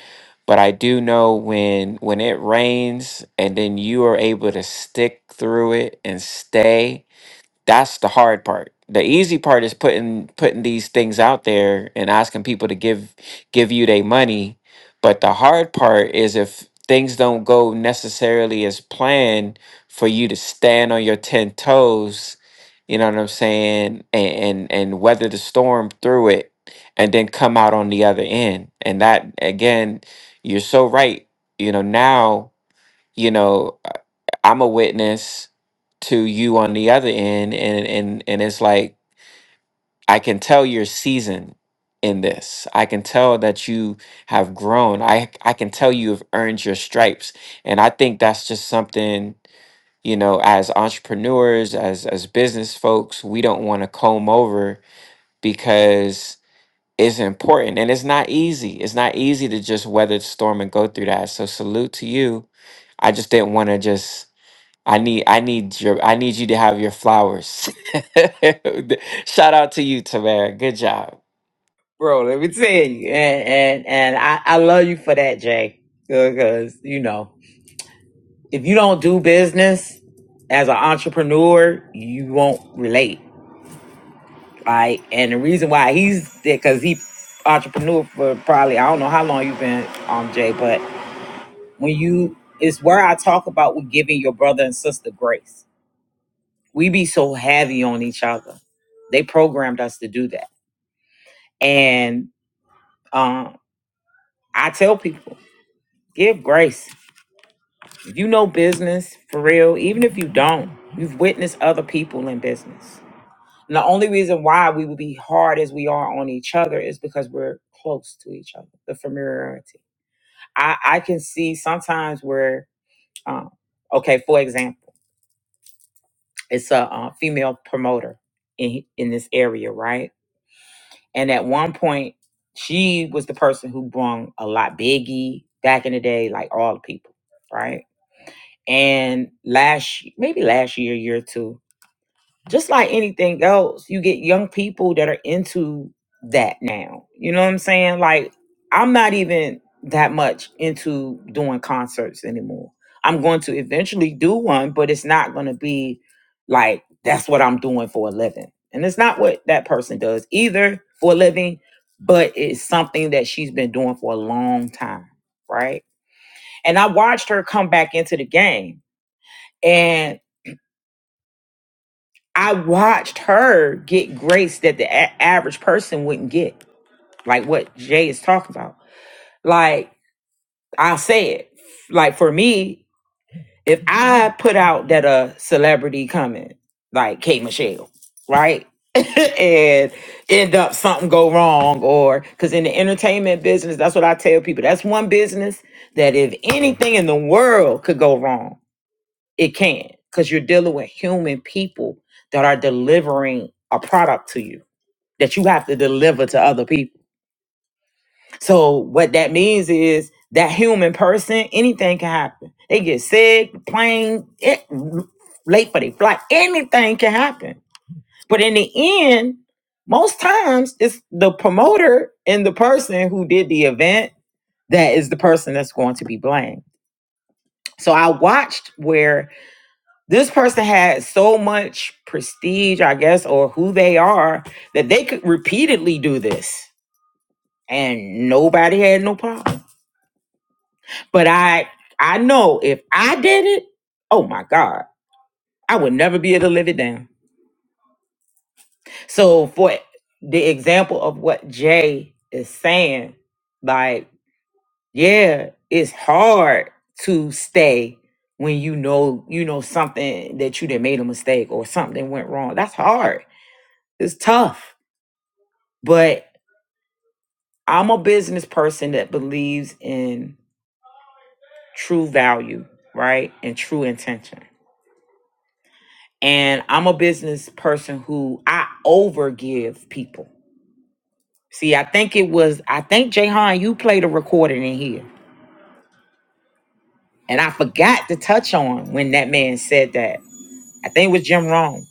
S4: but I do know when when it rains and then you are able to stick through it and stay that's the hard part. The easy part is putting putting these things out there and asking people to give give you their money. But the hard part is if things don't go necessarily as planned for you to stand on your 10 toes, you know what I'm saying, and and, and weather the storm through it and then come out on the other end. And that again, you're so right. You know, now you know I- i'm a witness to you on the other end and and and it's like i can tell you're seasoned in this i can tell that you have grown i i can tell you have earned your stripes and i think that's just something you know as entrepreneurs as as business folks we don't want to comb over because it's important and it's not easy it's not easy to just weather the storm and go through that so salute to you I just didn't want to just I need I need your I need you to have your flowers. Shout out to you, Tamara. Good job.
S2: bro let me tell you and and, and I, I love you for that jay because you know if you don't do business as an entrepreneur you won't relate right and the reason why he's there because he entrepreneur for probably i don't know how long you've been um jay but When you it's where I talk about with giving your brother and sister grace. We be so heavy on each other. They programmed us to do that. And um I tell people, give grace. If you know business for real, even if you don't, you've witnessed other people in business. And the only reason why we would be hard as we are on each other is because we're close to each other, the familiarity. I, I can see sometimes where, um, okay, for example. It's a uh, female promoter in in this area, right? And at one point, she was the person who brung a lot biggie back in the day, like all the people, right? And last, maybe last year, year two, just like anything else, you get young people that are into that now. You know what I'm saying? Like, I'm not even that much into doing concerts anymore. I'm going to eventually do one, but it's not going to be like that's what I'm doing for a living. And it's not what that person does either for a living, but it's something that she's been doing for a long time. Right. And I watched her come back into the game. and. I watched her get grace that the a- average person wouldn't get, like what Jay is talking about. Like I said, like for me, if I put out that a celebrity coming, like K Michelle, right, and end up something go wrong, or because in the entertainment business, that's what I tell people. That's one business that if anything in the world could go wrong, it can, because you're dealing with human people that are delivering a product to you that you have to deliver to other people. So what that means is that human person, anything can happen. They get sick, plane, it, late for their flight, anything can happen. But in the end, most times it's the promoter and the person who did the event that is the person that's going to be blamed. So I watched where this person had so much prestige, I guess, or who they are, that they could repeatedly do this and nobody had no problem. But I I know if I did it, oh my God, I would never be able to live it down. So for the example of what Jay is saying, like, yeah, it's hard to stay when you know you know something that you done made a mistake or something went wrong. That's hard. It's tough. But I'm a business person that believes in true value, right? And true intention. and I'm a business person who I overgive people. See, I think it was I think Jayhan, you played a recording in here, and I forgot to touch on when that man said that. I think it was Jim Rome,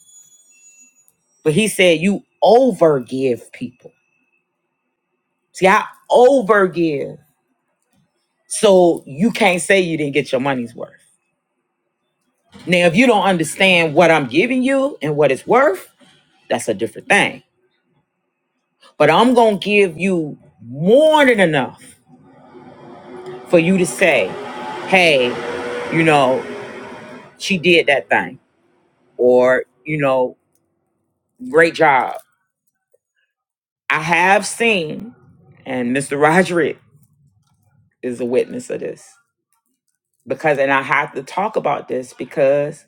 S2: but he said you overgive people. See, I overgive, so you can't say you didn't get your money's worth. Now, if you don't understand what I'm giving you and what it's worth, that's a different thing. But I'm gonna give you more than enough for you to say, hey, you know, she did that thing, or, you know, great job. I have seen, and Mr. Roderick is a witness of this, because, and I have to talk about this because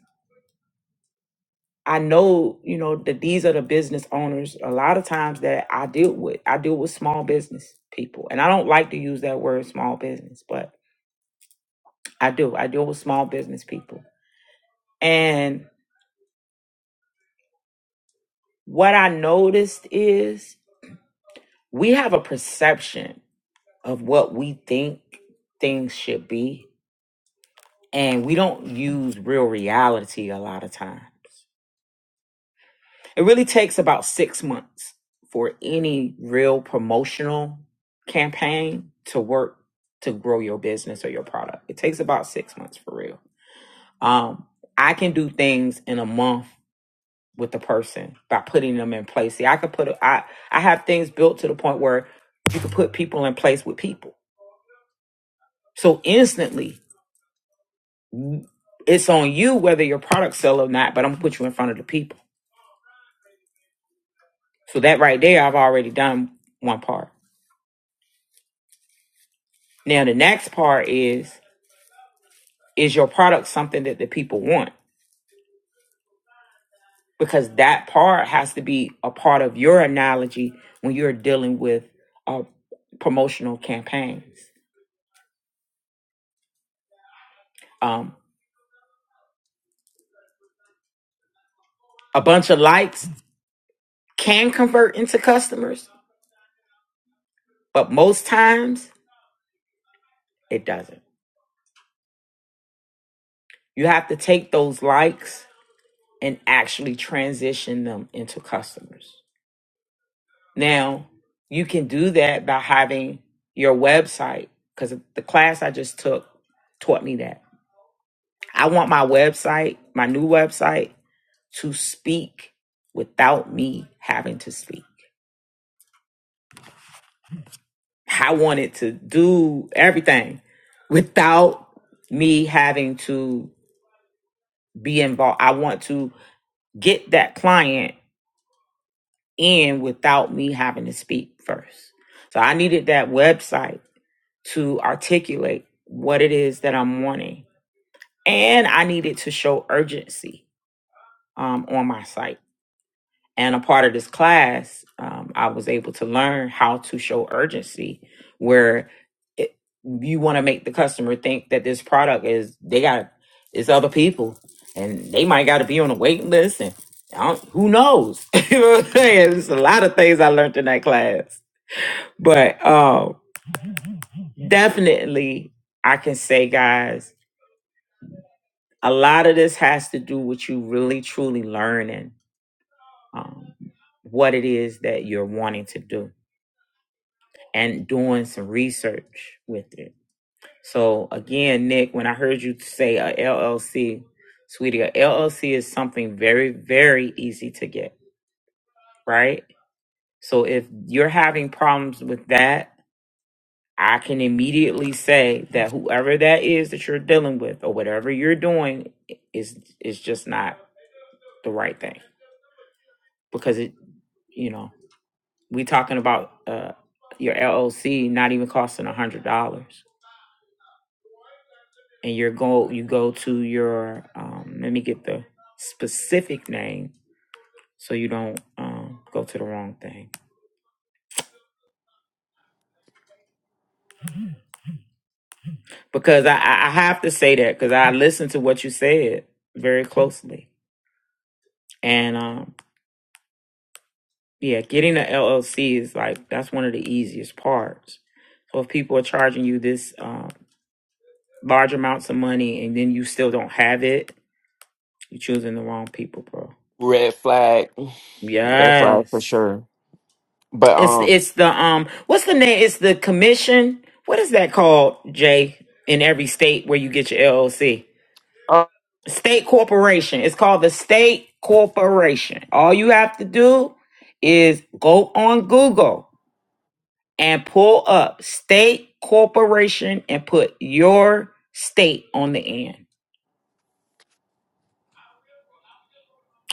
S2: I know, you know, that these are the business owners a lot of times that I deal with. I deal with small business people, and I don't like to use that word small business, but I do. I deal with small business people. And what I noticed is we have a perception of what we think things should be and we don't use real reality a lot of time it really takes about six months for any real promotional campaign to work to grow your business or your product it takes about six months for real um i can do things in a month with the person by putting them in place see i could put a, i i have things built to the point where you can put people in place with people so instantly It's on you whether your product sell or not, but I'm gonna put you in front of the people. So that right there, I've already done one part. Now the next part is is your product something that the people want? Because that part has to be a part of your analogy when you're dealing with uh, promotional campaigns. Um, a bunch of likes can convert into customers, but most times it doesn't. You have to take those likes and actually transition them into customers. Now, you can do that by having your website because the class I just took taught me that. I want my website, my new website, to speak without me having to speak. I want it to do everything without me having to be involved. I want to get that client in without me having to speak first. So I needed that website to articulate what it is that I'm wanting. And I needed to show urgency um, on my site. And a part of this class, um, I was able to learn how to show urgency where it, you want to make the customer think that this product is, they got, it's other people and they might got to be on a waiting list and I don't, who knows? you know what I'm saying? There's a lot of things I learned in that class. But um, definitely, I can say, guys, a lot of this has to do with you really truly learning um, what it is that you're wanting to do and doing some research with it. So again, Nick, when I heard you say a LLC, sweetie, a LLC is something very, very easy to get, right? So if you're having problems with that, I can immediately say that whoever that is that you're dealing with or whatever you're doing is is just not the right thing because it, you know. we talking about uh your LLC not even costing a hundred dollars, and your go you go to your um let me get the specific name so you don't um go to the wrong thing because I I I have to say that because I listened to what you said very closely and um yeah getting a LLC is like that's one of the easiest parts. So if people are charging you this um large amounts of money and then you still don't have it, you're choosing the wrong people, bro.
S4: Red flag. Red flag
S2: Yes.
S4: for sure. But
S2: It's
S4: um
S2: it's the um what's the name? It's the commission. What is that called, Jay? In every state where you get your LLC. State corporation. It's called the state corporation. All you have to do is go on Google and pull up state corporation and put your state on the end.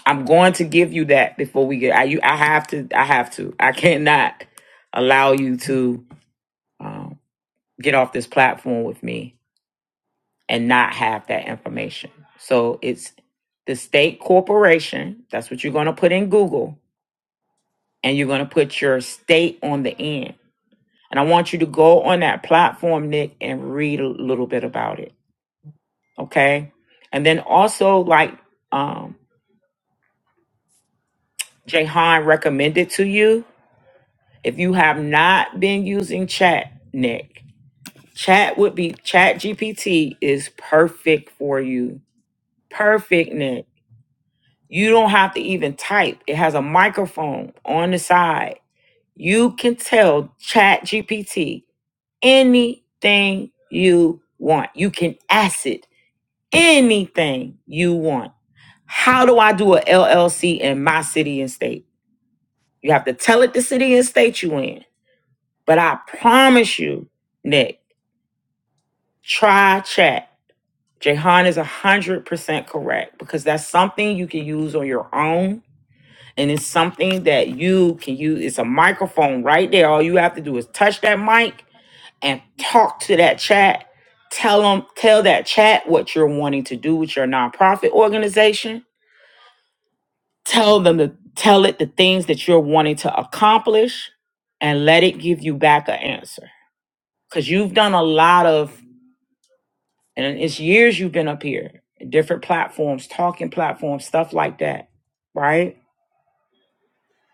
S2: I'm going to give you that before we get I you I have to I have to. I cannot allow you to um, get off this platform with me and not have that information. So it's the state corporation. That's what you're going to put in Google and you're going to put your state on the end. And I want you to go on that platform, Nick, and read a little bit about it. Okay. And then also like, um, Jahan recommended to you, if you have not been using chat, Nick, chat would be chat GPT is perfect for you. Perfect, Nick You don't have to even type. It has a microphone on the side. You can tell Chat GPT anything you want. You can ask it anything you want. How do I do a LLC in my city and state? You have to tell it the city and state you in. But I promise you, Nick, try Chat. Jahan is 100% correct because that's something you can use on your own and it's something that you can use. It's a microphone right there. All you have to do is touch that mic and talk to that chat. Tell them, tell that chat what you're wanting to do with your nonprofit organization. Tell them to tell it the things that you're wanting to accomplish, and let it give you back an answer. Because you've done a lot of, and it's years you've been up here, different platforms, talking platforms, stuff like that, right?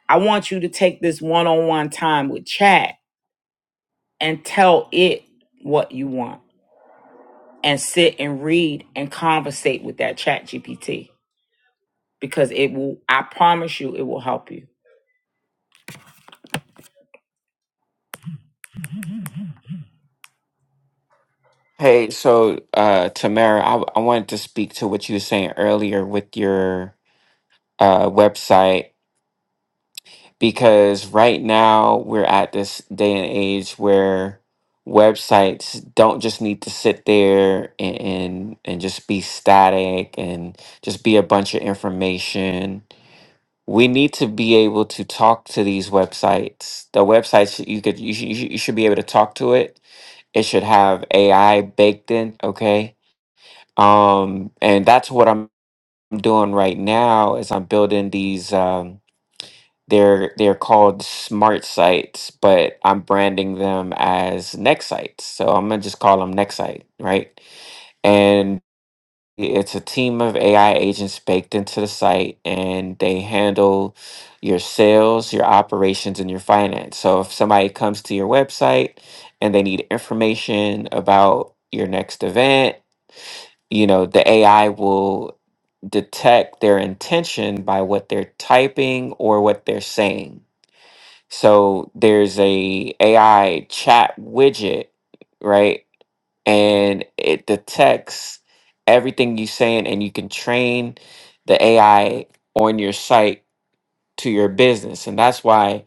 S2: I want you to take this one-on-one time with chat and tell it what you want and sit and read and conversate with that chat GPT because it will, I promise you, it will help you.
S4: okay, so uh Tamara, I I wanted to speak to what you were saying earlier with your uh website because right now we're at this day and age where websites don't just need to sit there and and, and just be static and just be a bunch of information we need to be able to talk to these websites the websites you could you, should- you, should- you should be able to talk to it it should have ai baked in okay um and that's what i'm doing right now is i'm building these um, they're they're called smart sites, but I'm branding them as next sites. So I'm gonna just call them next site, right? And it's a team of AI agents baked into the site, and they handle your sales, your operations, and your finance. So if somebody comes to your website and they need information about your next event, you know, the AI will detect their intention by what they're typing or what they're saying so there's a AI chat widget, right? And it detects everything you saying and you can train the AI on your site to your business. And that's why,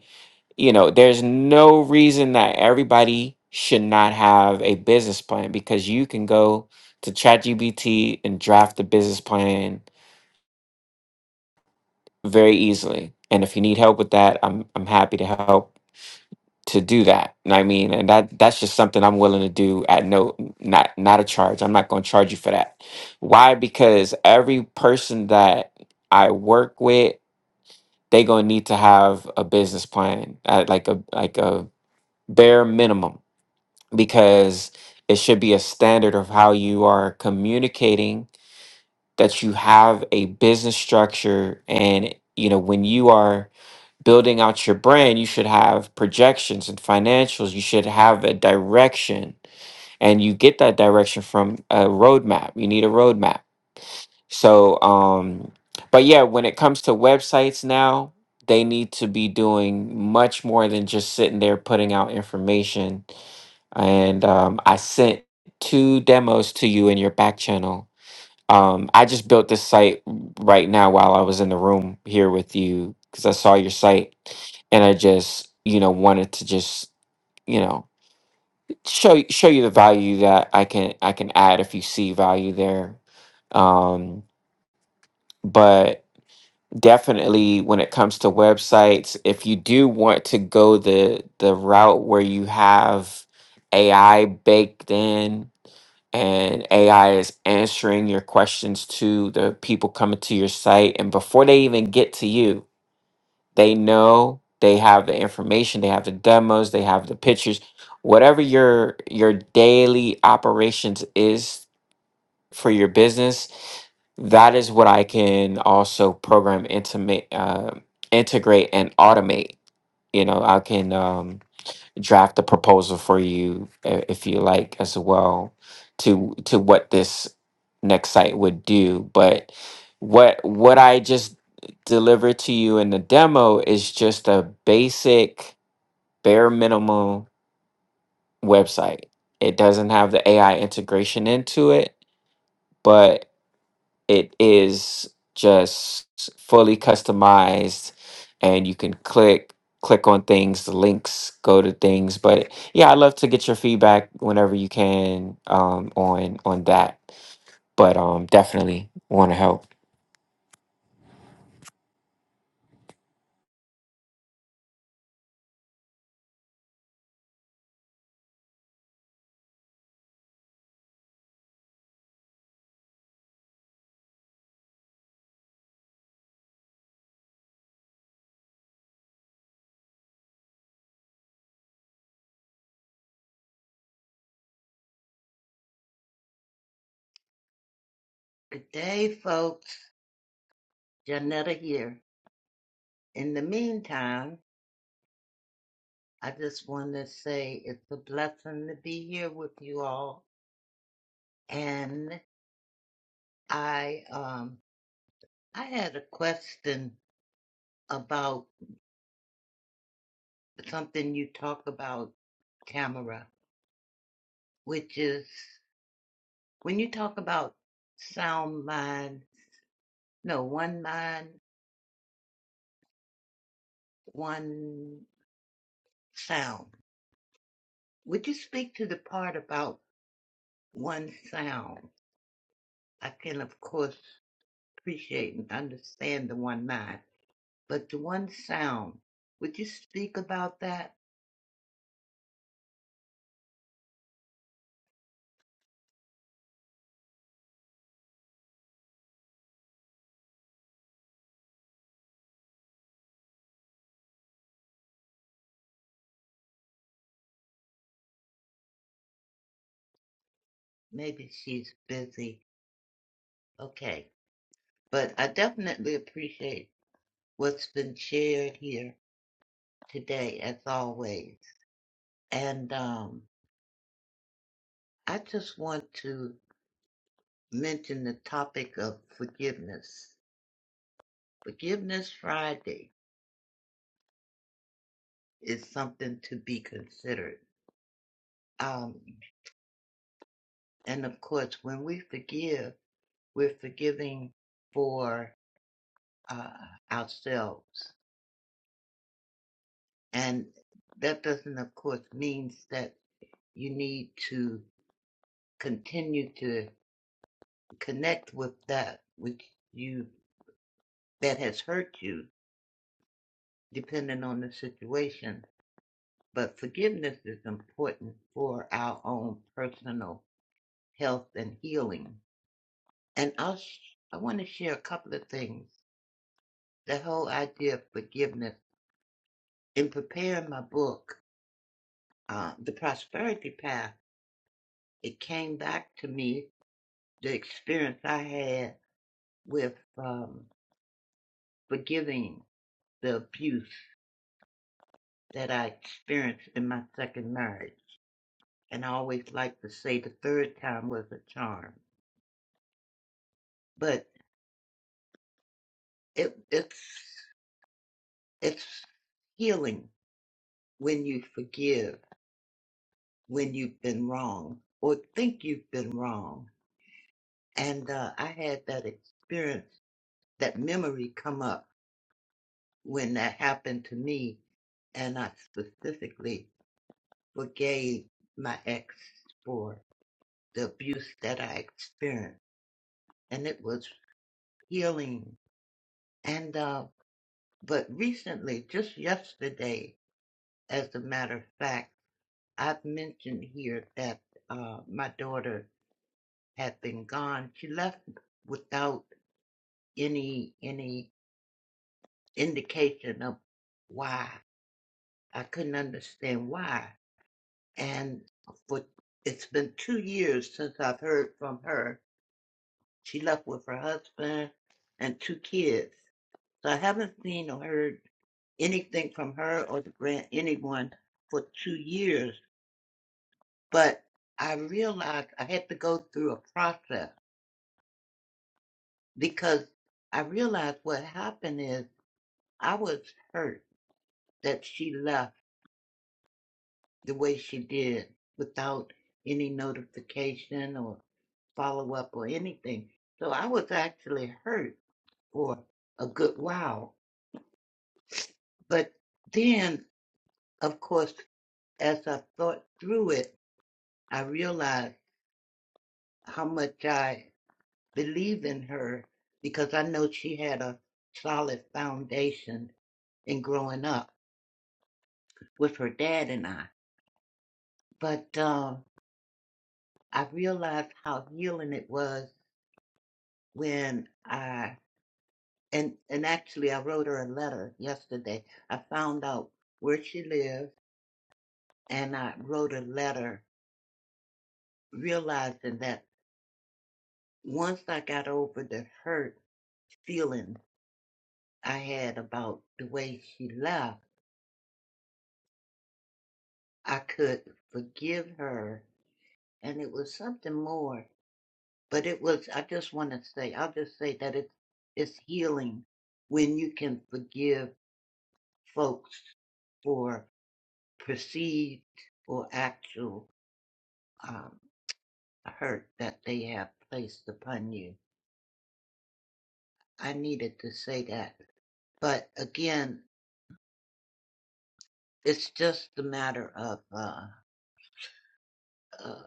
S4: you know, there's no reason that everybody should not have a business plan because you can go to ChatGPT and draft the business plan very easily. And if you need help with that, I'm I'm happy to help to do that. And I mean, and that that's just something I'm willing to do at no not not a charge. I'm not going to charge you for that. Why? Because every person that I work with, they going to need to have a business plan at like a like a bare minimum because it should be a standard of how you are communicating that you have a business structure and you know when you are building out your brand, you should have projections and financials. You should have a direction, and you get that direction from a roadmap. You need a roadmap. So, um, but yeah, when it comes to websites now, they need to be doing much more than just sitting there putting out information. And um, I sent two demos to you in your back channel um, I just built this site right now while I was in the room here with you because I saw your site and I just, you know, wanted to just, you know, show y- show you the value that I can I can add if you see value there. Um, but definitely when it comes to websites, if you do want to go the the route where you have AI baked in and AI is answering your questions to the people coming to your site. And before they even get to you, they know they have the information, they have the demos, they have the pictures, whatever your your daily operations is for your business. That is what I can also program intimate, uh, integrate, and automate. You know, I can. Um, draft a proposal for you uh, if you like as well to to what this next site would do but what what i just delivered to you in the demo is just a basic bare minimum website it doesn't have the ai integration into it but it is just fully customized and you can click click on things the links go to things but yeah i'd love to get your feedback whenever you can um, on on that but um definitely want to help
S6: Good day, folks. Janetta here. In the meantime, I just want to say it's a blessing to be here with you all. And I, um, I had a question about something you talk about, Tamara, which is when you talk about sound mind, no, one mind, one sound. Would you speak to the part about one sound? I can, of course. appreciate and understand the one mind, but the one sound. Would you speak about that? Maybe she's busy. Okay. But I definitely appreciate what's been shared here today, as always. And um, I just want to mention the topic of forgiveness. Forgiveness Friday is something to be considered. Um, and of course, when we forgive, we're forgiving for uh, ourselves. And that doesn't, of course, means that you need to continue to connect with that which you that has hurt you, depending on the situation. But forgiveness is important for our own personal health and healing. And I'll, sh- I want to share a couple of things. The whole idea of forgiveness. In preparing my book, uh, The Prosperity Path, it came back to me the experience I had with um, forgiving the abuse that I experienced in my second marriage. And I always like to say the third time was a charm. But it, it's it's healing when you forgive when you've been wrong or think you've been wrong. And uh, I had that experience, that memory come up when that happened to me, and I specifically forgave my ex for the abuse that I experienced, and it was healing. And uh, but recently, just yesterday, as a matter of fact, I've mentioned here that uh, my daughter had been gone. She left without any any indication of why. I couldn't understand why, and for it's been two years since I've heard from her She left with her husband and two kids. So I haven't seen or heard anything from her or the grant anyone for two years. But I realized I had to go through a process because I realized what happened is I was hurt that she left the way she did without any notification or follow up or anything. So I was actually hurt for a good while. But then Of course, as I thought through it, I realized how much I believe in her because I know she had a solid foundation in growing up with her dad and I. But um, I realized how healing it was when I and and actually I wrote her a letter yesterday. I found out where she lives and I wrote a letter realizing that once I got over the hurt feeling I had about the way she left, I could forgive her. And it was something more. But it was, I just want to say, I'll just say that it's, it's healing when you can forgive folks for perceived or actual um, hurt that they have placed upon you. I needed to say that. But again, it's just a matter of uh, uh,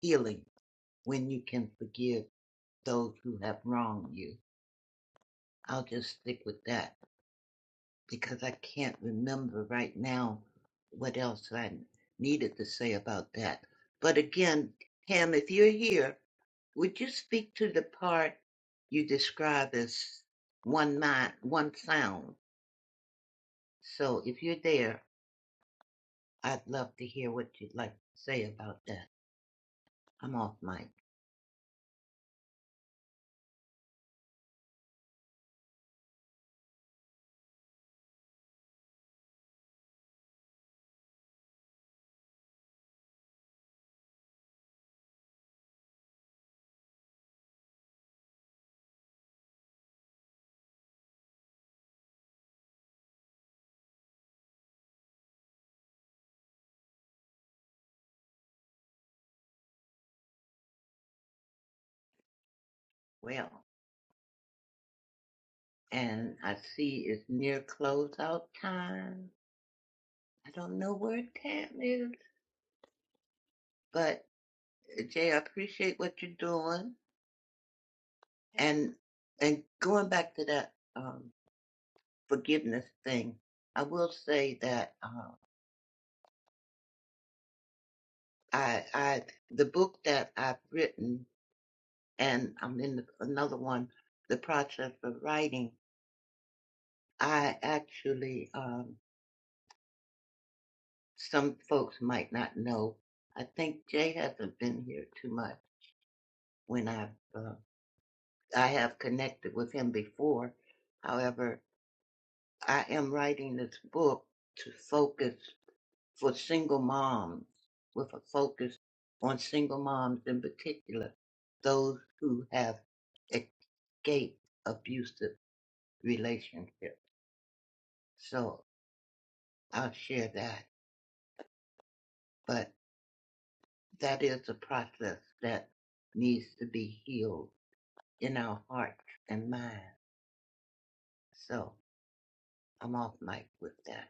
S6: healing when you can forgive those who have wronged you. I'll just stick with that because I can't remember right now what else I needed to say about that. But again, Pam, if you're here, would you speak to the part you describe as one mind, one sound? So if you're there, I'd love to hear what you'd like to say about that. I'm off mic. Well, and I see it's near closeout time. I don't know where Tam is, but Jay, I appreciate what you're doing. And and going back to that um, forgiveness thing, I will say that uh, I I the book that I've written and I'm in the, another one, the process of writing. I actually um, some folks might not know. I think Jay hasn't been here too much when I've uh, I have connected with him before. However, I am writing this book to focus for single moms with a focus on single moms in particular, those who have escaped abusive relationships. So I'll share that. But that is a process that needs to be healed in our hearts and minds. So I'm off mic with that.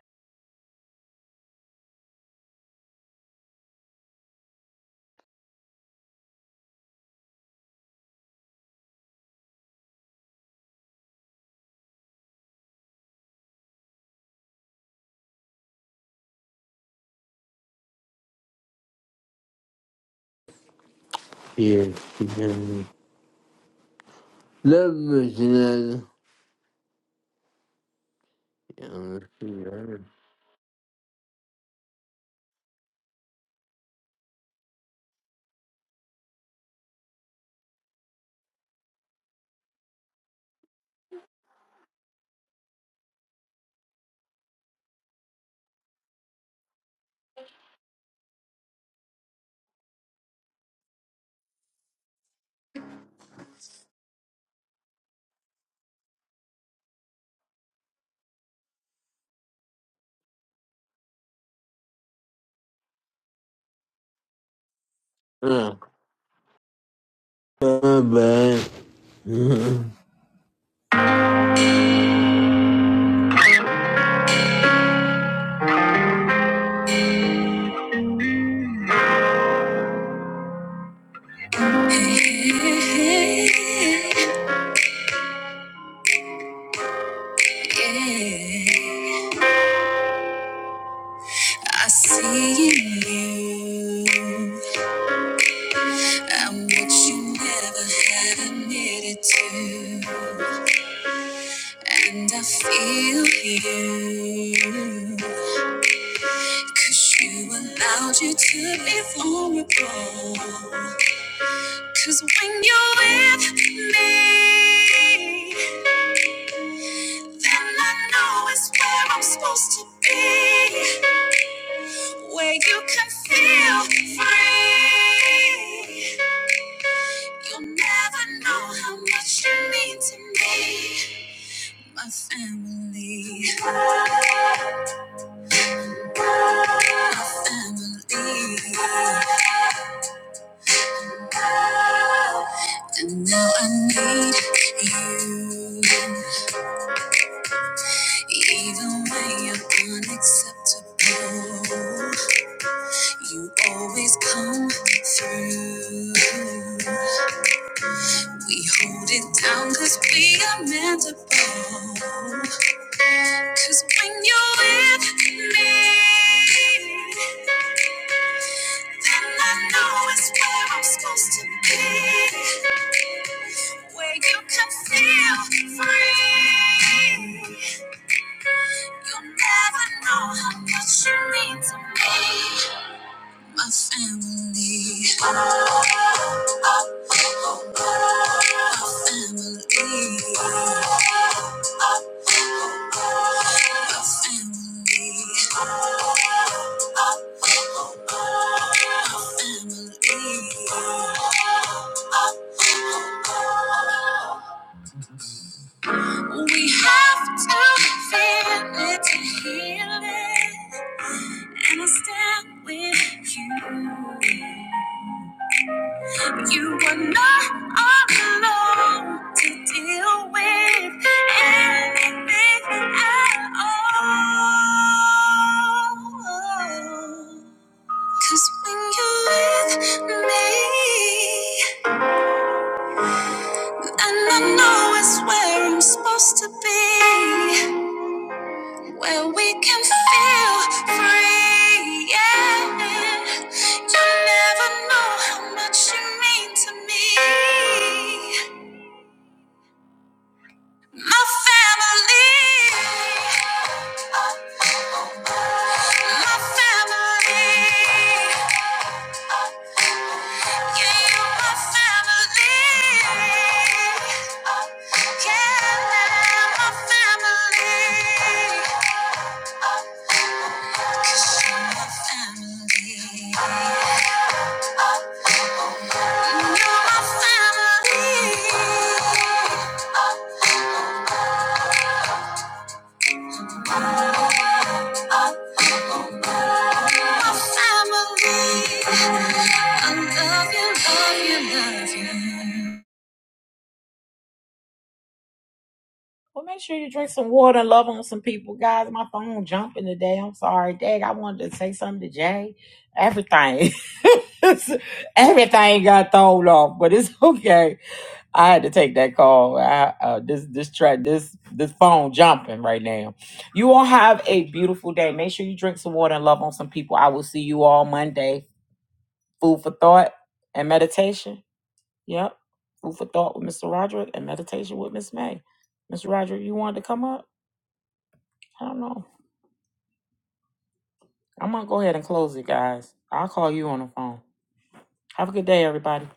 S3: Give to God. Love me tonight. Yeah, yeah. Uh, my bad. I see in you. I'm what you never had admitted to. And I feel you. Cause you allowed you to be vulnerable. Cause when you're with me, then I know it's where I'm supposed to be. Where you can feel free. You'll never know how much you mean to me. My family, my family. And now I need you. Even when you're unacceptable, you always come through. We hold it down cause we are manageable. Cause when you're with me, then I know it's where I'm supposed to be. Where you can feel free. You'll never know how much you mean to me, my family. Oh, oh, oh, oh, oh. My family. My family. my Family. We have to feel it to heal it, and I stand with you. You were not alone to deal with anything at all. Cause when you're with me, and I know it's where I'm supposed to be, where we can feel free. Yeah, you never know how much you mean to me. My family, my family, yeah, you my family, yeah, my family, family, you're my family, family. I love you, love you, love you.
S2: Well, make sure you drink some water and love on some people, guys. My phone jumping today. I'm sorry, Dag. I wanted to say something to Jay. Everything, everything got thrown off, but it's okay. I had to take that call. I, uh, this this track this this phone jumping right now. You all have a beautiful day. Make sure you drink some water and love on some people. I will see you all Monday. Food for thought and meditation. Yep. Food for thought with Mr. Roderick and meditation with Miss May. Mr. Roderick, you wanted to come up? I don't know. I'm gonna go ahead and close it, guys. I'll call you on the phone. Have a good day, everybody.